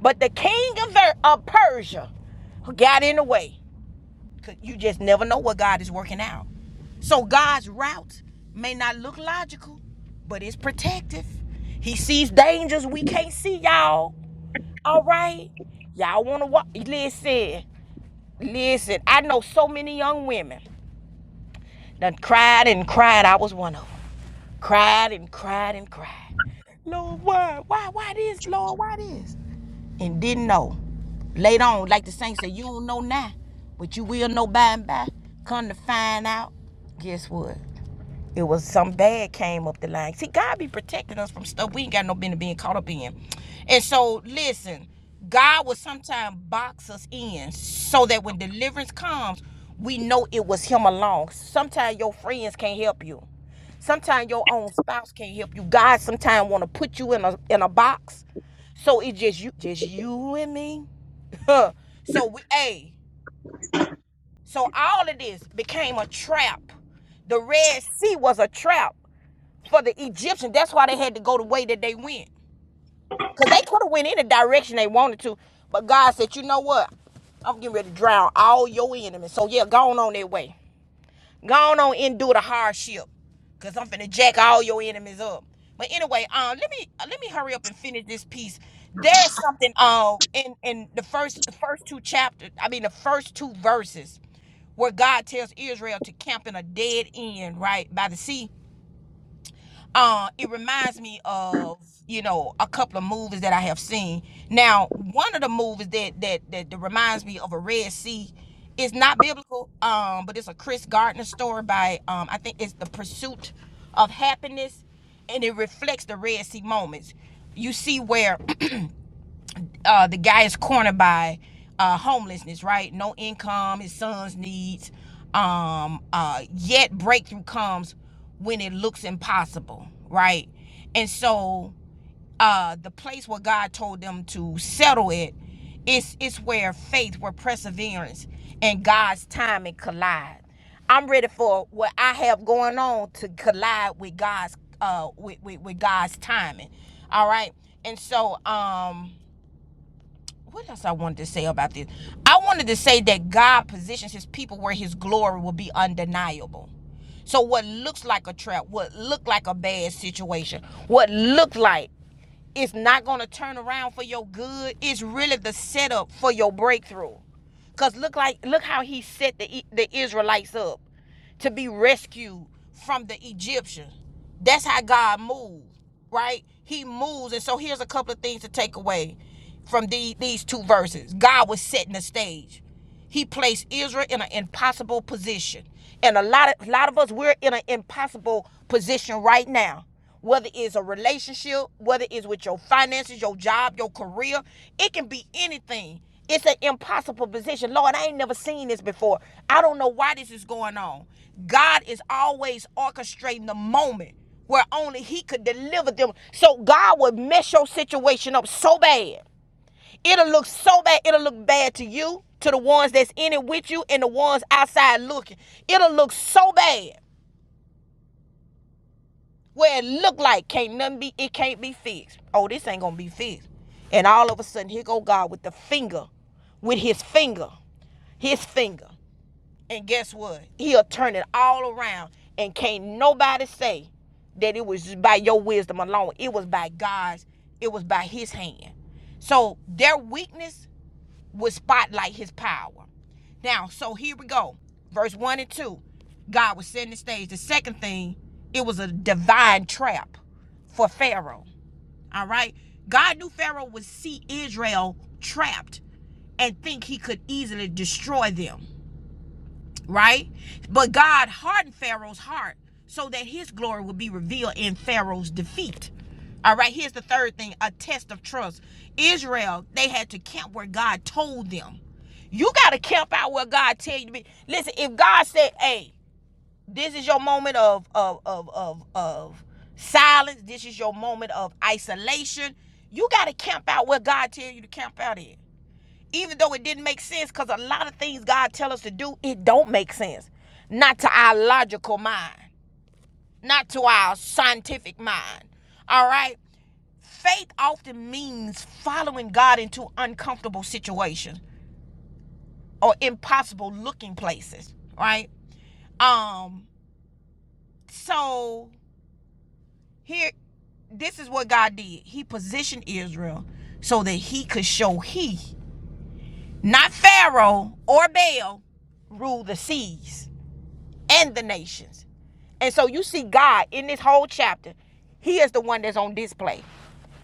But the king of, Ver- of Persia got in the way. You just never know what God is working out. So God's route may not look logical, but it's protective. He sees dangers we can't see, y'all. All right? Y'all want to walk? Listen, listen. I know so many young women that cried and cried. I was one of them. Cried and cried and cried. Lord, why? Why? Why this? Lord, why this? And didn't know. Later on, like the saint said, you don't know now, but you will know by and by. Come to find out, guess what? It was something bad came up the line. See, God be protecting us from stuff we ain't got no business being caught up in. And so, listen, God will sometimes box us in so that when deliverance comes, we know it was Him alone. Sometimes your friends can't help you. Sometimes your own spouse can't help you. God sometimes want to put you in a in a box, so it just you just you and me. so we a so all of this became a trap. The Red Sea was a trap for the Egyptian. That's why they had to go the way that they went. Because they could have went any direction they wanted to. But God said, you know what? I'm getting ready to drown all your enemies. So yeah, go on, on that way. Go on, on and do the hardship. Cause I'm finna jack all your enemies up. But anyway, um, let me uh, let me hurry up and finish this piece. There's something um in in the first the first two chapters, I mean the first two verses, where God tells Israel to camp in a dead end, right by the sea uh, it reminds me of you know a couple of movies that I have seen. Now, one of the movies that that that, that reminds me of a Red Sea is not biblical, um, but it's a Chris Gardner story by um, I think it's The Pursuit of Happiness, and it reflects the Red Sea moments. You see where uh, the guy is cornered by uh, homelessness, right? No income, his son's needs. Um, uh, yet breakthrough comes when it looks impossible, right? And so uh, the place where God told them to settle it is it's where faith, where perseverance, and God's timing collide. I'm ready for what I have going on to collide with God's uh with, with, with God's timing. All right. And so um what else I wanted to say about this? I wanted to say that God positions his people where his glory will be undeniable. So what looks like a trap, what looked like a bad situation, what looked like it's not gonna turn around for your good. It's really the setup for your breakthrough. Cause look like look how he set the E- the Israelites up to be rescued from the Egyptians. That's how God moves, right? He moves, and so here's a couple of things to take away from the, these two verses. God was setting the stage. He placed Israel in an impossible position. And a lot of a lot of us we're in an impossible position right now. Whether it's a relationship, whether it's with your finances, your job, your career, it can be anything. It's an impossible position. Lord, I ain't never seen this before. I don't know why this is going on. God is always orchestrating the moment where only He could deliver them. So God would mess your situation up so bad It'll look so bad. It'll look bad to you, to the ones that's in it with you, and the ones outside looking. It'll look so bad where it look like can't nothing be. It can't be fixed. Oh, this ain't gonna be fixed. And all of a sudden, here go God with the finger, with His finger, His finger. And guess what? He'll turn it all around, and can't nobody say that it was by your wisdom alone. It was by God's. It was by His hand. So their weakness would spotlight his power. Now, so here we go. Verse 1 and 2. God was setting the stage. The second thing, it was a divine trap for Pharaoh. All right? God knew Pharaoh would see Israel trapped and think he could easily destroy them right? But God hardened Pharaoh's heart so that his glory would be revealed in Pharaoh's defeat. All right, here's the third thing a test of trust. Israel, they had to camp where God told them. You got to camp out where God tell you to be. Listen, if God said, hey, this is your moment of, of, of, of, of silence, this is your moment of isolation, you got to camp out where God tell you to camp out in even though it didn't make sense because a lot of things god tells us to do it don't make sense not to our logical mind not to our scientific mind all right faith often means following god into uncomfortable situations or impossible looking places right um so here this is what god did he positioned israel so that he could show he not pharaoh or baal rule the seas and the nations. And so you see God in this whole chapter, he is the one that's on display.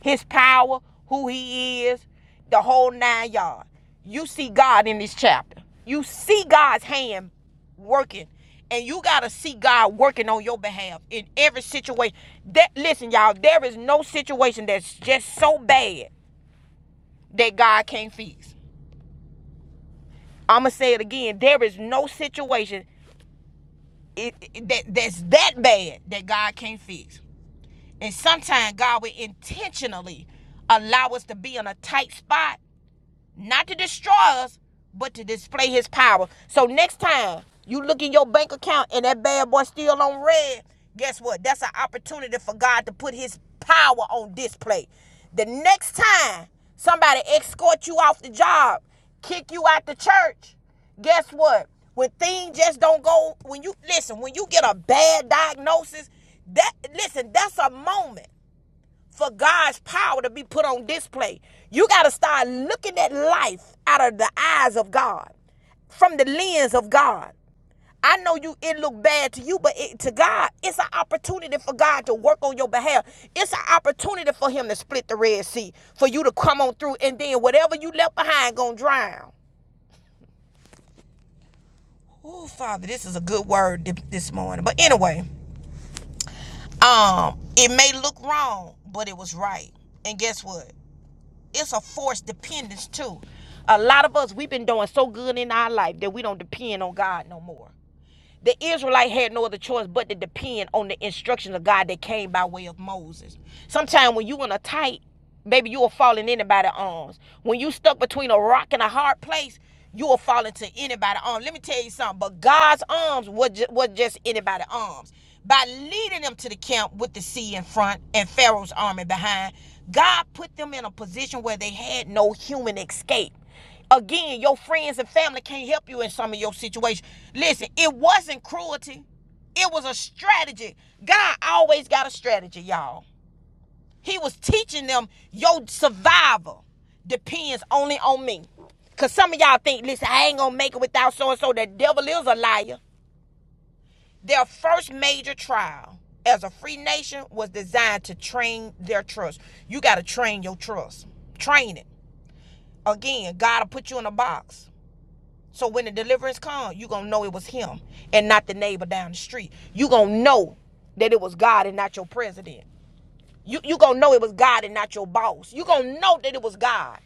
His power, who he is, the whole nine yards. You see God in this chapter. You see God's hand working. And you gotta see God working on your behalf in every situation. That listen, y'all, there is no situation that's just so bad that God can't fix. I'ma say it again. There is no situation it, it- that that's that bad that God can't fix. And sometimes God will intentionally allow us to be in a tight spot not to destroy us, but to display his power. So next time you look in your bank account and that bad boy still on red, guess what? That's an opportunity for God to put his power on display. The next time somebody escort you off the job, kick you out the church, guess what? When things just don't go, when you listen, when you get a bad diagnosis, that listen, that's a moment for God's power to be put on display. You got to start looking at life out of the eyes of God, from the lens of God. I know you it look bad to you, but it, to God, it's an opportunity for God to work on your behalf. It's an opportunity for Him to split the Red Sea, for you to come on through, and then whatever you left behind gonna drown. Oh, Father, this is a good word this morning. But anyway, um, it may look wrong, but it was right. And guess what? it's a forced dependence too. A lot of us we've been doing so good in our life that we don't depend on God no more. The Israelite had no other choice but to depend on the instructions of God that came by way of Moses. Sometimes when you in a tight, baby, you will fall in anybody's arms. When you stuck between a rock and a hard place, you will fall into anybody's arms. Let me tell you something. But God's arms was just, was just anybody's arms. By leading them to the camp with the sea in front and Pharaoh's army behind, God put them in a position where they had no human escape. Again, your friends and family can't help you in some of your situations. Listen, it wasn't cruelty. It was a strategy. God always got a strategy, y'all. He was teaching them your survival depends only on me. Cause some of y'all think, listen, I ain't gonna make it without so and so. The devil is a liar. Their first major trial as a free nation was designed to train their trust. You gotta train your trust. Train it. Again, God will put you in a box So when the deliverance comes, you gonna know it was him and not the neighbor down the street. You gonna know that it was God and not your president. You you gonna know it was God and not your boss. You gonna know that it was God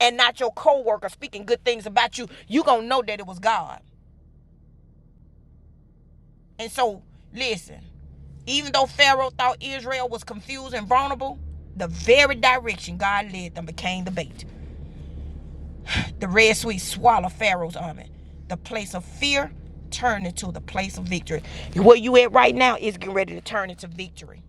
and not your coworker speaking good things about you. You gonna know that it was God. And so listen, even though Pharaoh thought Israel was confused and vulnerable, the very direction God led them became the bait. The Red Sea swallowed Pharaoh's army. The place of fear turned into the place of victory. Where you at right now is getting ready to turn into victory.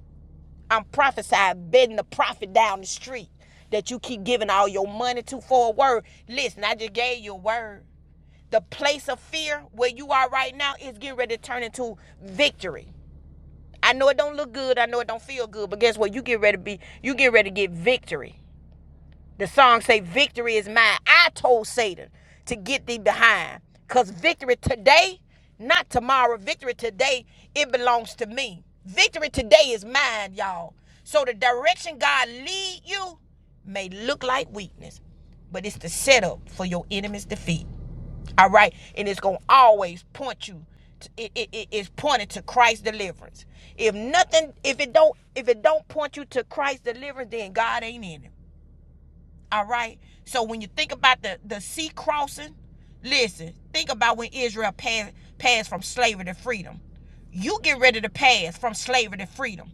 I'm prophesying, betting the prophet down the street that you keep giving all your money to for a word. Listen, I just gave you a word. The place of fear where you are right now is getting ready to turn into victory. I know it don't look good. I know it don't feel good, but guess what? You get ready to be. You get ready to get victory. The song say, "Victory is mine." I told Satan to get thee behind, cause victory today, not tomorrow. Victory today, it belongs to me. Victory today is mine, y'all. So the direction God lead you may look like weakness, but it's the setup for your enemy's defeat. All right, and it's gonna always point you. To, it, it, it- it's pointed to Christ's deliverance. If nothing, if it don't, if it don't point you to Christ's deliverance, then God ain't in it. All right. So when you think about the, the sea crossing, listen, think about when Israel passed passed from slavery to freedom. You get ready to pass from slavery to freedom.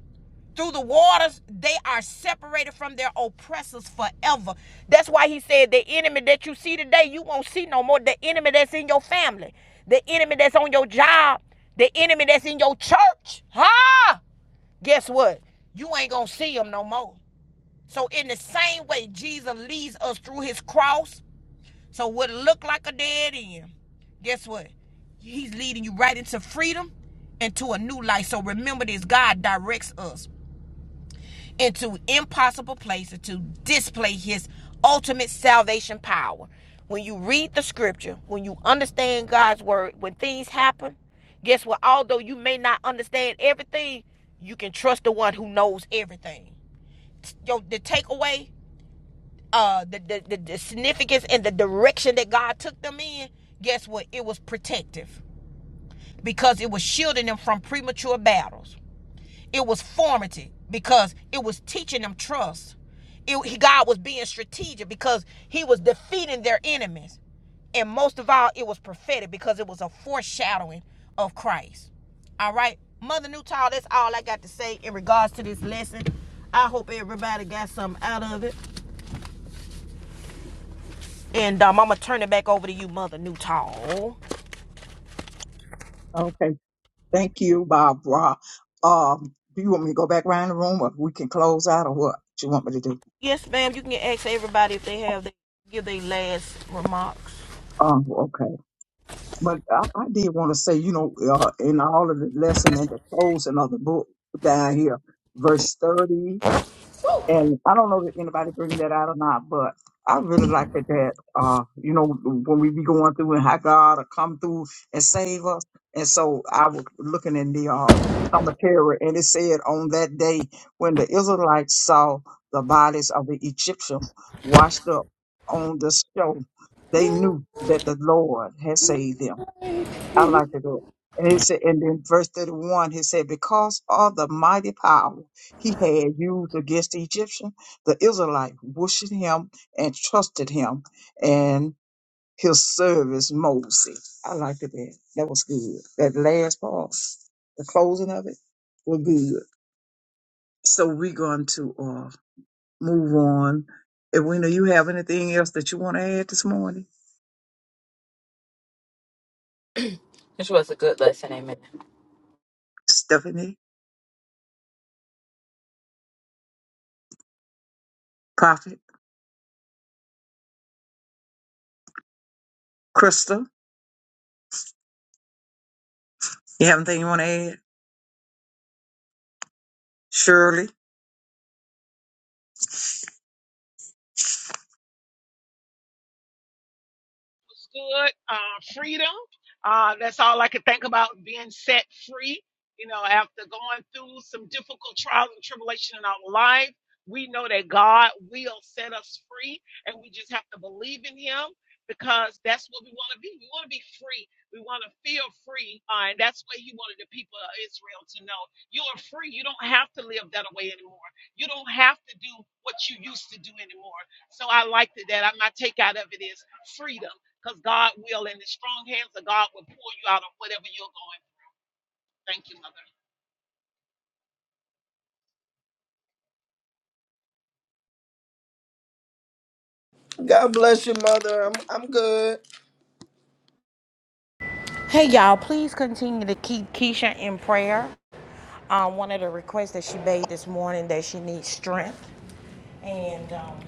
Through the waters, they are separated from their oppressors forever. That's why he said the enemy that you see today, you won't see no more. The enemy that's in your family, the enemy that's on your job, the enemy that's in your church. Ha! Guess what? You ain't gonna see them no more. So in the same way Jesus leads us through his cross, so what looked like a dead end, guess what? He's leading you right into freedom and to a new life. So remember this, God directs us into impossible places to display his ultimate salvation power. When you read the scripture, when you understand God's word, when things happen, guess what? Although you may not understand everything, you can trust the one who knows everything. Yo, the takeaway uh the, the, the, the significance and the direction that God took them in, guess what? It was protective because it was shielding them from premature battles. It was formative because it was teaching them trust. It, God was being strategic because he was defeating their enemies. And most of all, it was prophetic because it was a foreshadowing of Christ. All right, Mother Newtall, that's all I got to say in regards to this lesson. I hope everybody got something out of it. And um, I'm gonna turn it back over to you, Mother Newtall.
Okay. Thank you, Barbara. Um, do you want me to go back around the room or we can close out or what? What you want me to do?
Yes, ma'am. You can ask everybody if they have they give their last remarks.
Oh, okay. But I, I did want to say, you know, uh, in all of the lesson at the closing of the book down here, verse 30 And I don't know if anybody bring that out or not, but I really like it that, uh, you know, when we be going through and how God will come through and save us. And so I was looking in the uh, commentary and it said on that day when the Israelites saw the bodies of the Egyptian washed up on the shore, they knew that the Lord had saved them. I like to do it. And it said, and then verse 31, he said, because of the mighty power he had used against the Egyptian, the Israelite worshiped him and trusted him and his service Moses. I liked it that. That was good. That last part, the closing of it, was good. So we're going to uh, move on. Edwina, you have anything else that you want to add this morning?
This was a good lesson. Amen.
Stephanie, Prophet, Crystal, you have anything you want to add? Shirley?
was good. Uh, freedom. Uh, that's all I could think about being set free. You know, after going through some difficult trials and tribulation in our life, we know that God will set us free, and we just have to believe in Him because that's what we want to be. We want to be free. We want to feel free, uh, and that's what He wanted the people of Israel to know. You are free. You don't have to live that way anymore. You don't have to do what you used to do anymore. So I liked it that I, my takeout of it is freedom because God will, in the strong hands of God will pull you out of whatever you're going. through. Thank you, Mother.
God bless you, mother. I'm I'm good.
Hey y'all, please continue to keep Keisha in prayer. Um, one of the requests that she made this morning that she needs strength. And um,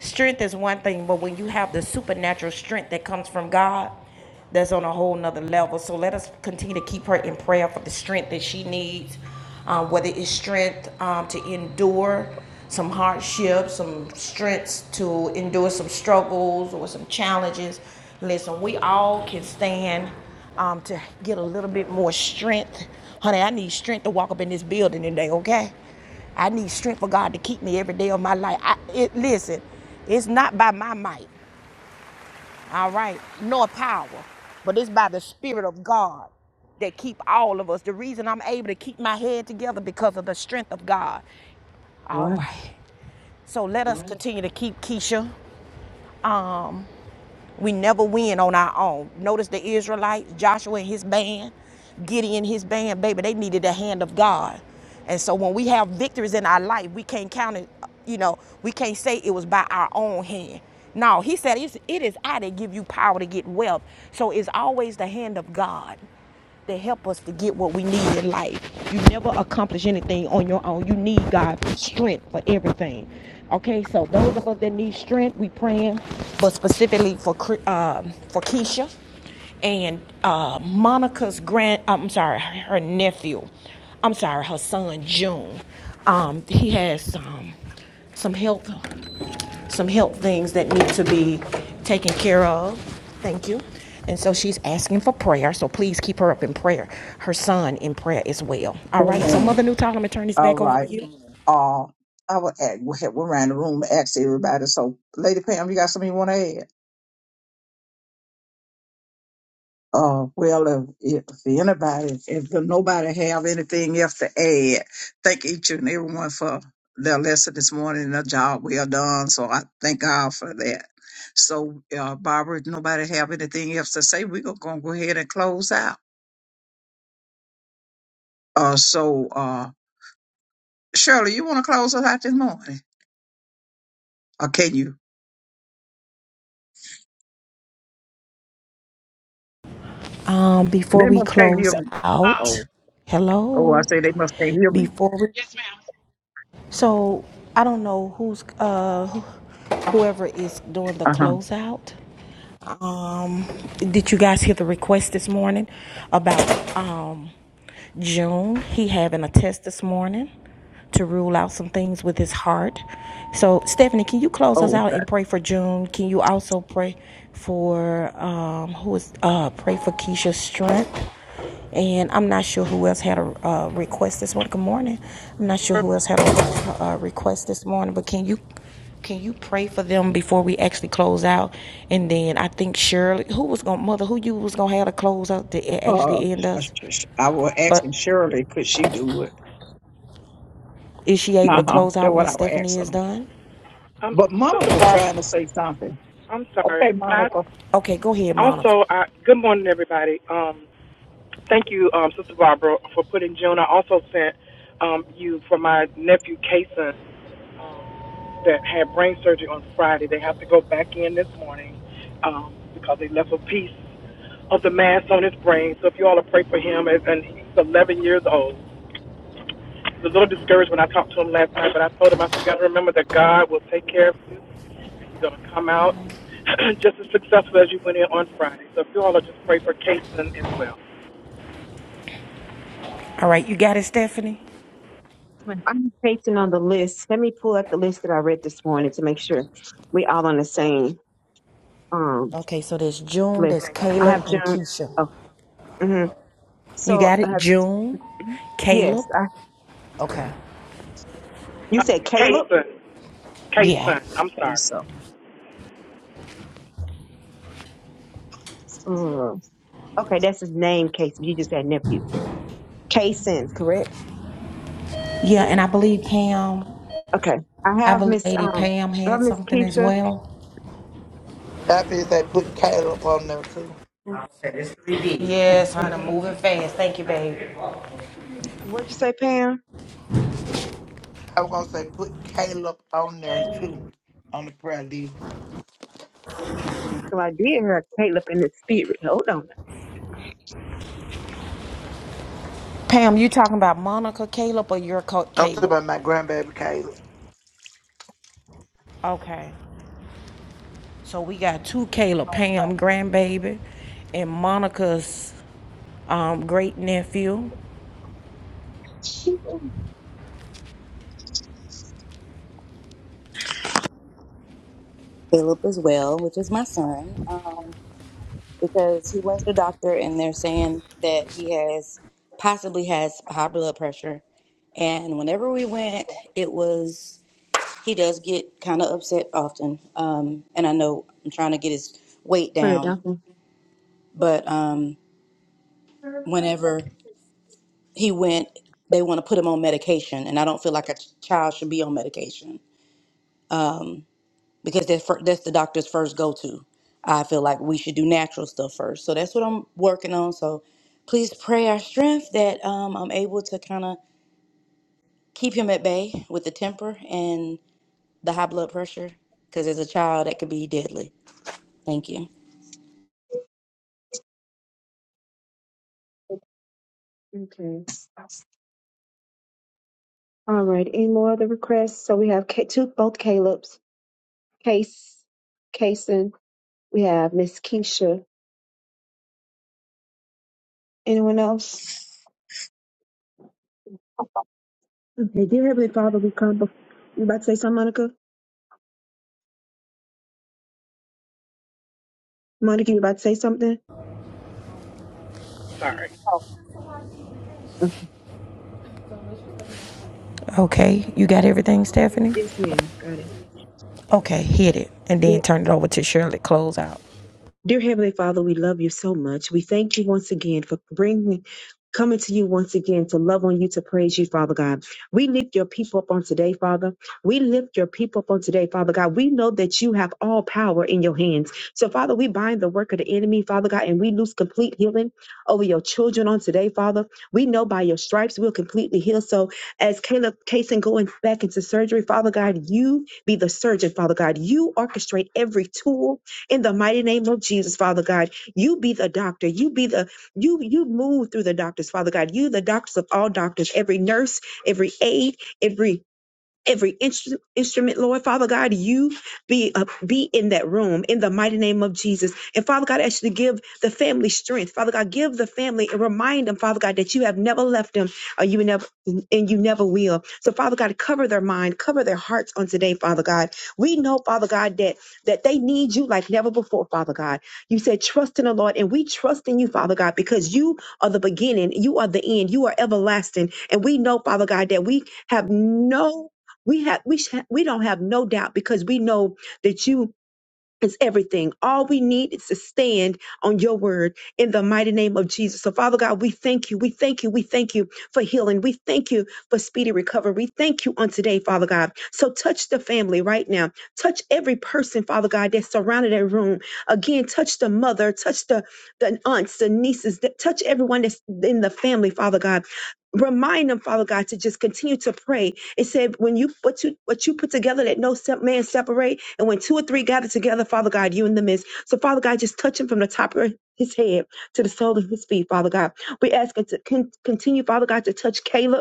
strength is one thing, but when you have the supernatural strength that comes from God, that's on a whole nother level. So let us continue to keep her in prayer for the strength that she needs, um, whether it's strength um, to endure some hardships, some strengths to endure some struggles or some challenges. Listen, we all can stand um, to get a little bit more strength. Honey, I need strength to walk up in this building today, okay? I need strength for God to keep me every day of my life. I, it, listen, it's not by my might, all right, nor power, but it's by the Spirit of God that keep all of us. The reason I'm able to keep my head together because of the strength of God. All
Right.
right. So let us continue to keep Keisha. Um, we never win on our own. Notice the Israelites, Joshua and his band, Gideon and his band, baby, they needed the hand of God. And so when we have victories in our life, we can't count it, you know, we can't say it was by our own hand. No, he said it's, it is I that give you power to get wealth. So it's always the hand of God that help us to get what we need in life. You never accomplish anything on your own. You need God's strength for everything. Okay, so those of us that need strength, we praying, but specifically for Cre- um for Keisha and uh, Monica's grand. uh, I'm sorry, her nephew. I'm sorry, her son June. Um, he has um, some health some health things that need to be taken care of. Thank you. And so she's asking for prayer. So please keep her up in prayer, her son in prayer as well. All right. So
Amen.
Mother Newtall, I'm gonna turn this
All
back over to
right.
you.
Uh, I will add, we have- we're around the room, ask everybody. So, Lady Pam, you got something you want to add? Uh, well, if, if anybody, if nobody have anything else to add, thank each and everyone for their lesson this morning. Their job well done. So I thank God for that. So, uh, Barbara, if nobody have anything else to say, we're gonna go ahead and close out. Uh, so, uh, Shirley, you want to close us out this morning, or can you?
Um, before
They
we
must can't hear
close
me.
Uh,
out,
Oh, oh, I
hello.
say they must can't hear me.
Before we
yes, ma'am.
So I don't know who's uh whoever is doing the
Uh huh.
closeout. Um, did you guys hear the request this morning about um June? He having a test this morning to rule out some things with his heart. So Stephanie, can you close us
Oh,
out and
that.
pray for June? Can you also pray for um who is uh pray for Keisha's strength? And I'm not sure who else had a uh, request this morning. Good morning. I'm not sure who else had a uh, request this morning, but can you can you pray for them before we actually close out? And then I think Shirley, who was gonna mother, who you was gonna have to close out to
Uh,
actually end us,
I was
but
asking Shirley, could she do it?
is she able
Uh
to
huh.
close out
That's what
when
I was
Stephanie
asking
is
her.
done?
I'm
But
such a
Monica
Barbara.
trying to say something.
I'm sorry.
Okay,
And I
Monica,
Okay, go ahead, Monica.
also, I, good morning, everybody. Um, thank you, um, Sister Barbara, for putting June. I also sent um, you for my nephew Kason um, that had brain surgery on Friday. They have to go back in this morning um, because they left a piece of the mass on his brain. So if you all will pray for him, and, and he's 11 years old. I was a little discouraged when I talked to him last night, but I told him I said, "You got to remember that God will take care of you." going to come out just as successful as you went in on Friday. So if you all will just pray for Kason as well.
All right, you got it, Stephanie.
I'm facing on the list. Let me pull up the list that I read this morning to make sure we all on the same um
Okay, so there's June, there's
list. I have
Kayla, and
June.
Keisha.
Oh, hmm
You
so
got
I
it,
have
June, Caleb.
yes. I
Okay,
you
Uh,
said Caleb.
Kason,
yeah.
Kason, I'm
say
sorry.
something.
Mm, Okay, that's his name, Casey. You just said nephew, Kaysen, correct?
Yeah, and I believe Pam,
Okay, I
I
have
believe
Miss
Lady
um,
Pam
I have
had
Miss
something as
Keisha.
well.
I feel say put Caleb on there too.
Yes, honey, moving fast. Thank you, baby.
What'd you say, Pam?
I was gonna say put Caleb on there too on the prayer list.
So I did have Caleb in the spirit. Hold on,
Pam, you talking about Monica Caleb or your
I'm talking
Caleb?
about my grandbaby
Okay. So we got two Caleb, Pam grandbaby and Monica's um, great nephew.
Philip as well, which is my son, um, because he went to the doctor and they're saying that he has possibly has high blood pressure. And whenever we went, it was he does get kind of upset often. Um, and I know I'm trying to get his weight
turn it
down,
down.
but um, whenever he went, they want to put him on medication, and I don't feel like a ch- child should be on medication because that's fir- that's the doctor's first go to. I feel like we should do natural stuff first, so that's what I'm working on. So please pray our strength that um, I'm able to kind of keep him at bay with the temper and the high blood pressure, because as a child that could be deadly. Thank you.
Okay. All right. Any more other requests? So we have Ca- two, both Caleb's case, Kason. We have Miss Keisha. Anyone else? Okay. Dear Heavenly Father, we come. bef- You about to say something, Monica? Monica, you about to say something?
Sorry.
Oh, Oh,
Okay, you got everything, Stephanie?
yes, ma'am. Got
Okay, hit it and then
it.
turn it over to Shirley. Close out.
Dear Heavenly Father, we love you so much. We thank you once again for bringing, coming to you once again to love on you, to praise you, Father God. We lift your people up on today, Father. We lift your people up on today, Father God. We know that you have all power in your hands. So, Father, we bind the work of the enemy, Father God, and we lose complete healing over your children on today, Father. We know by your stripes we'll completely heal. So, as Caleb Kaysen going back into surgery, Father God, you be the surgeon, Father God. You orchestrate every tool in the mighty name of Jesus, Father God. You be the doctor. You be the you you move through the doctors, Father God. You the doctors of all doctors, every nurse, every aide, every every instru- instrument, Lord Father God, you be uh, be in that room in the mighty name of Jesus. And Father God, ask you to give the family strength. Father God, give the family and remind them, Father God, that you have never left them, or you never and you never will. So Father God, cover their mind, cover their hearts on today, Father God. We know, Father God, that that they need you like never before, Father God. You said trust in the Lord, and we trust in you, Father God, because you are the beginning, you are the end, you are everlasting, and we know, Father God, that we have no we have we sh- we don't have no doubt because we know that you is everything. All we need is to stand on your word in the mighty name of Jesus. So Father God, we thank you. We thank you. We thank you for healing. We thank you for speedy recovery. We thank you on today, Father God. So touch the family right now. Touch every person, Father God, that surrounded that room. Again, touch the mother, touch the the aunts, the nieces, that touch everyone that's in the family, Father God. Remind them, Father God, to just continue to pray it said, when you what you what you put together, that no se- man separate. And when two or three gather together, Father God, you in the midst. So Father God, just touch him from the top of his head to the sole of his feet, Father God. We ask him to con- continue, Father God, to touch Caleb.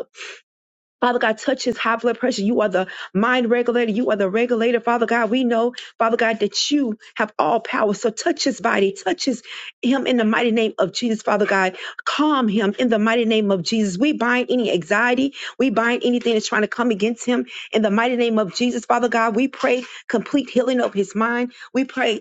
Father God, touch his high blood pressure. You are the mind regulator. You are the regulator. Father God, we know, Father God, that you have all power. So touch his body, touch his, him in the mighty name of Jesus, Father God. Calm him in the mighty name of Jesus. We bind any anxiety. We bind anything that's trying to come against him in the mighty name of Jesus, Father God. We pray complete healing of his mind. We pray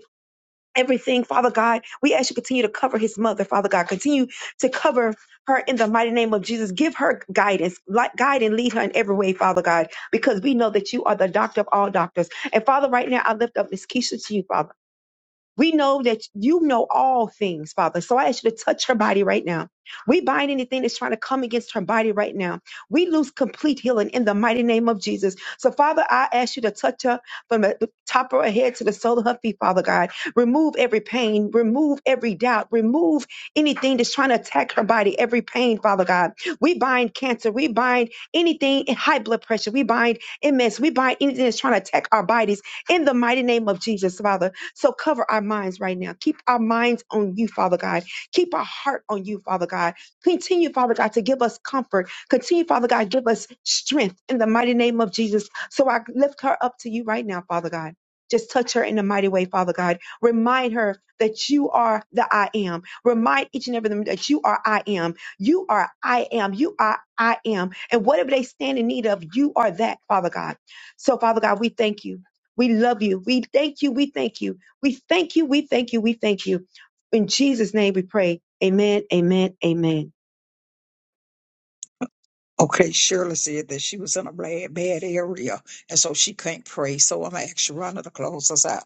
everything, Father God. We ask you continue to cover his mother, Father God. Continue to cover her in the mighty name of Jesus. Give her guidance, like guide and lead her in every way, Father God, because we know that you are the doctor of all doctors. And Father, right now I lift up Miss Keisha to you, Father. We know that you know all things, Father. So I ask you to touch her body right now. We bind anything that's trying to come against her body right now. We lose complete healing in the mighty name of Jesus. So, Father, I ask you to touch her from the top of her head to the sole of her feet, Father God. Remove every pain, remove every doubt, remove anything that's trying to attack her body, every pain, Father God. We bind cancer, we bind anything in high blood pressure, we bind MS, we bind anything that's trying to attack our bodies in the mighty name of Jesus, Father. So cover our minds right now. Keep our minds on you, Father God. Keep our heart on you, Father God. Continue, Father God, to give us comfort. Continue, Father God, give us strength in the mighty name of Jesus. So I lift her up to you right now, Father God. Just touch her in a mighty way, Father God. Remind her that you are the I am. Remind each and every one them that you are I am. You are I am. You are I am. And whatever they stand in need of, you are that, Father God. So, Father God, we thank you. We love you. We thank you. We thank you we thank you. We thank you. We thank you. In Jesus' name we pray. Amen. Amen. Amen.
Okay, Shirley said that she was in a bad, bad area, and so she can't pray. So I'm actually running to close us out.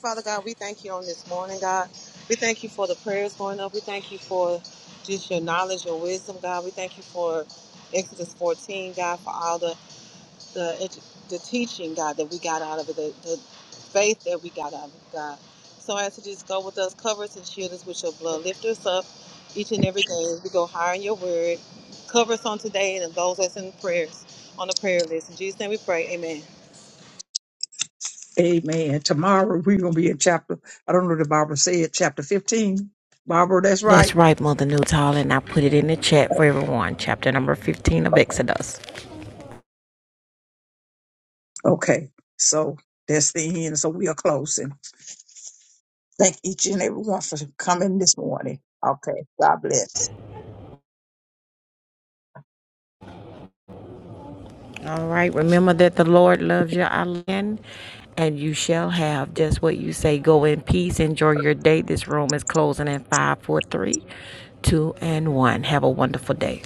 Father God, we thank you on this morning, God. We thank you for the prayers going up. We thank you for just your knowledge, your wisdom, God. We thank you for Exodus 14, God, for all the the edu- the teaching, God, that we got out of it, the, the faith that we got out of it, God. So I ask you to just go with us, cover us and shield us with your blood. Lift us up each and every day as we go higher in your word. Cover us on today and those that's in prayers on the prayer list. In Jesus' name we pray. Amen.
Amen. Tomorrow we're gonna be in chapter. I don't know. if The Bible said chapter fifteen. Barbara, that's right.
That's right, Mother Newtall, and I put it in the chat for everyone. Chapter number 15 of Exodus.
Okay, so that's the end. So we are closing. Thank each and every one for coming this morning. Okay, God bless.
All right. Remember that the Lord loves your island, and you shall have just what you say. Go in peace. Enjoy your day. This room is closing in five, four, three, two, and one. Have a wonderful day.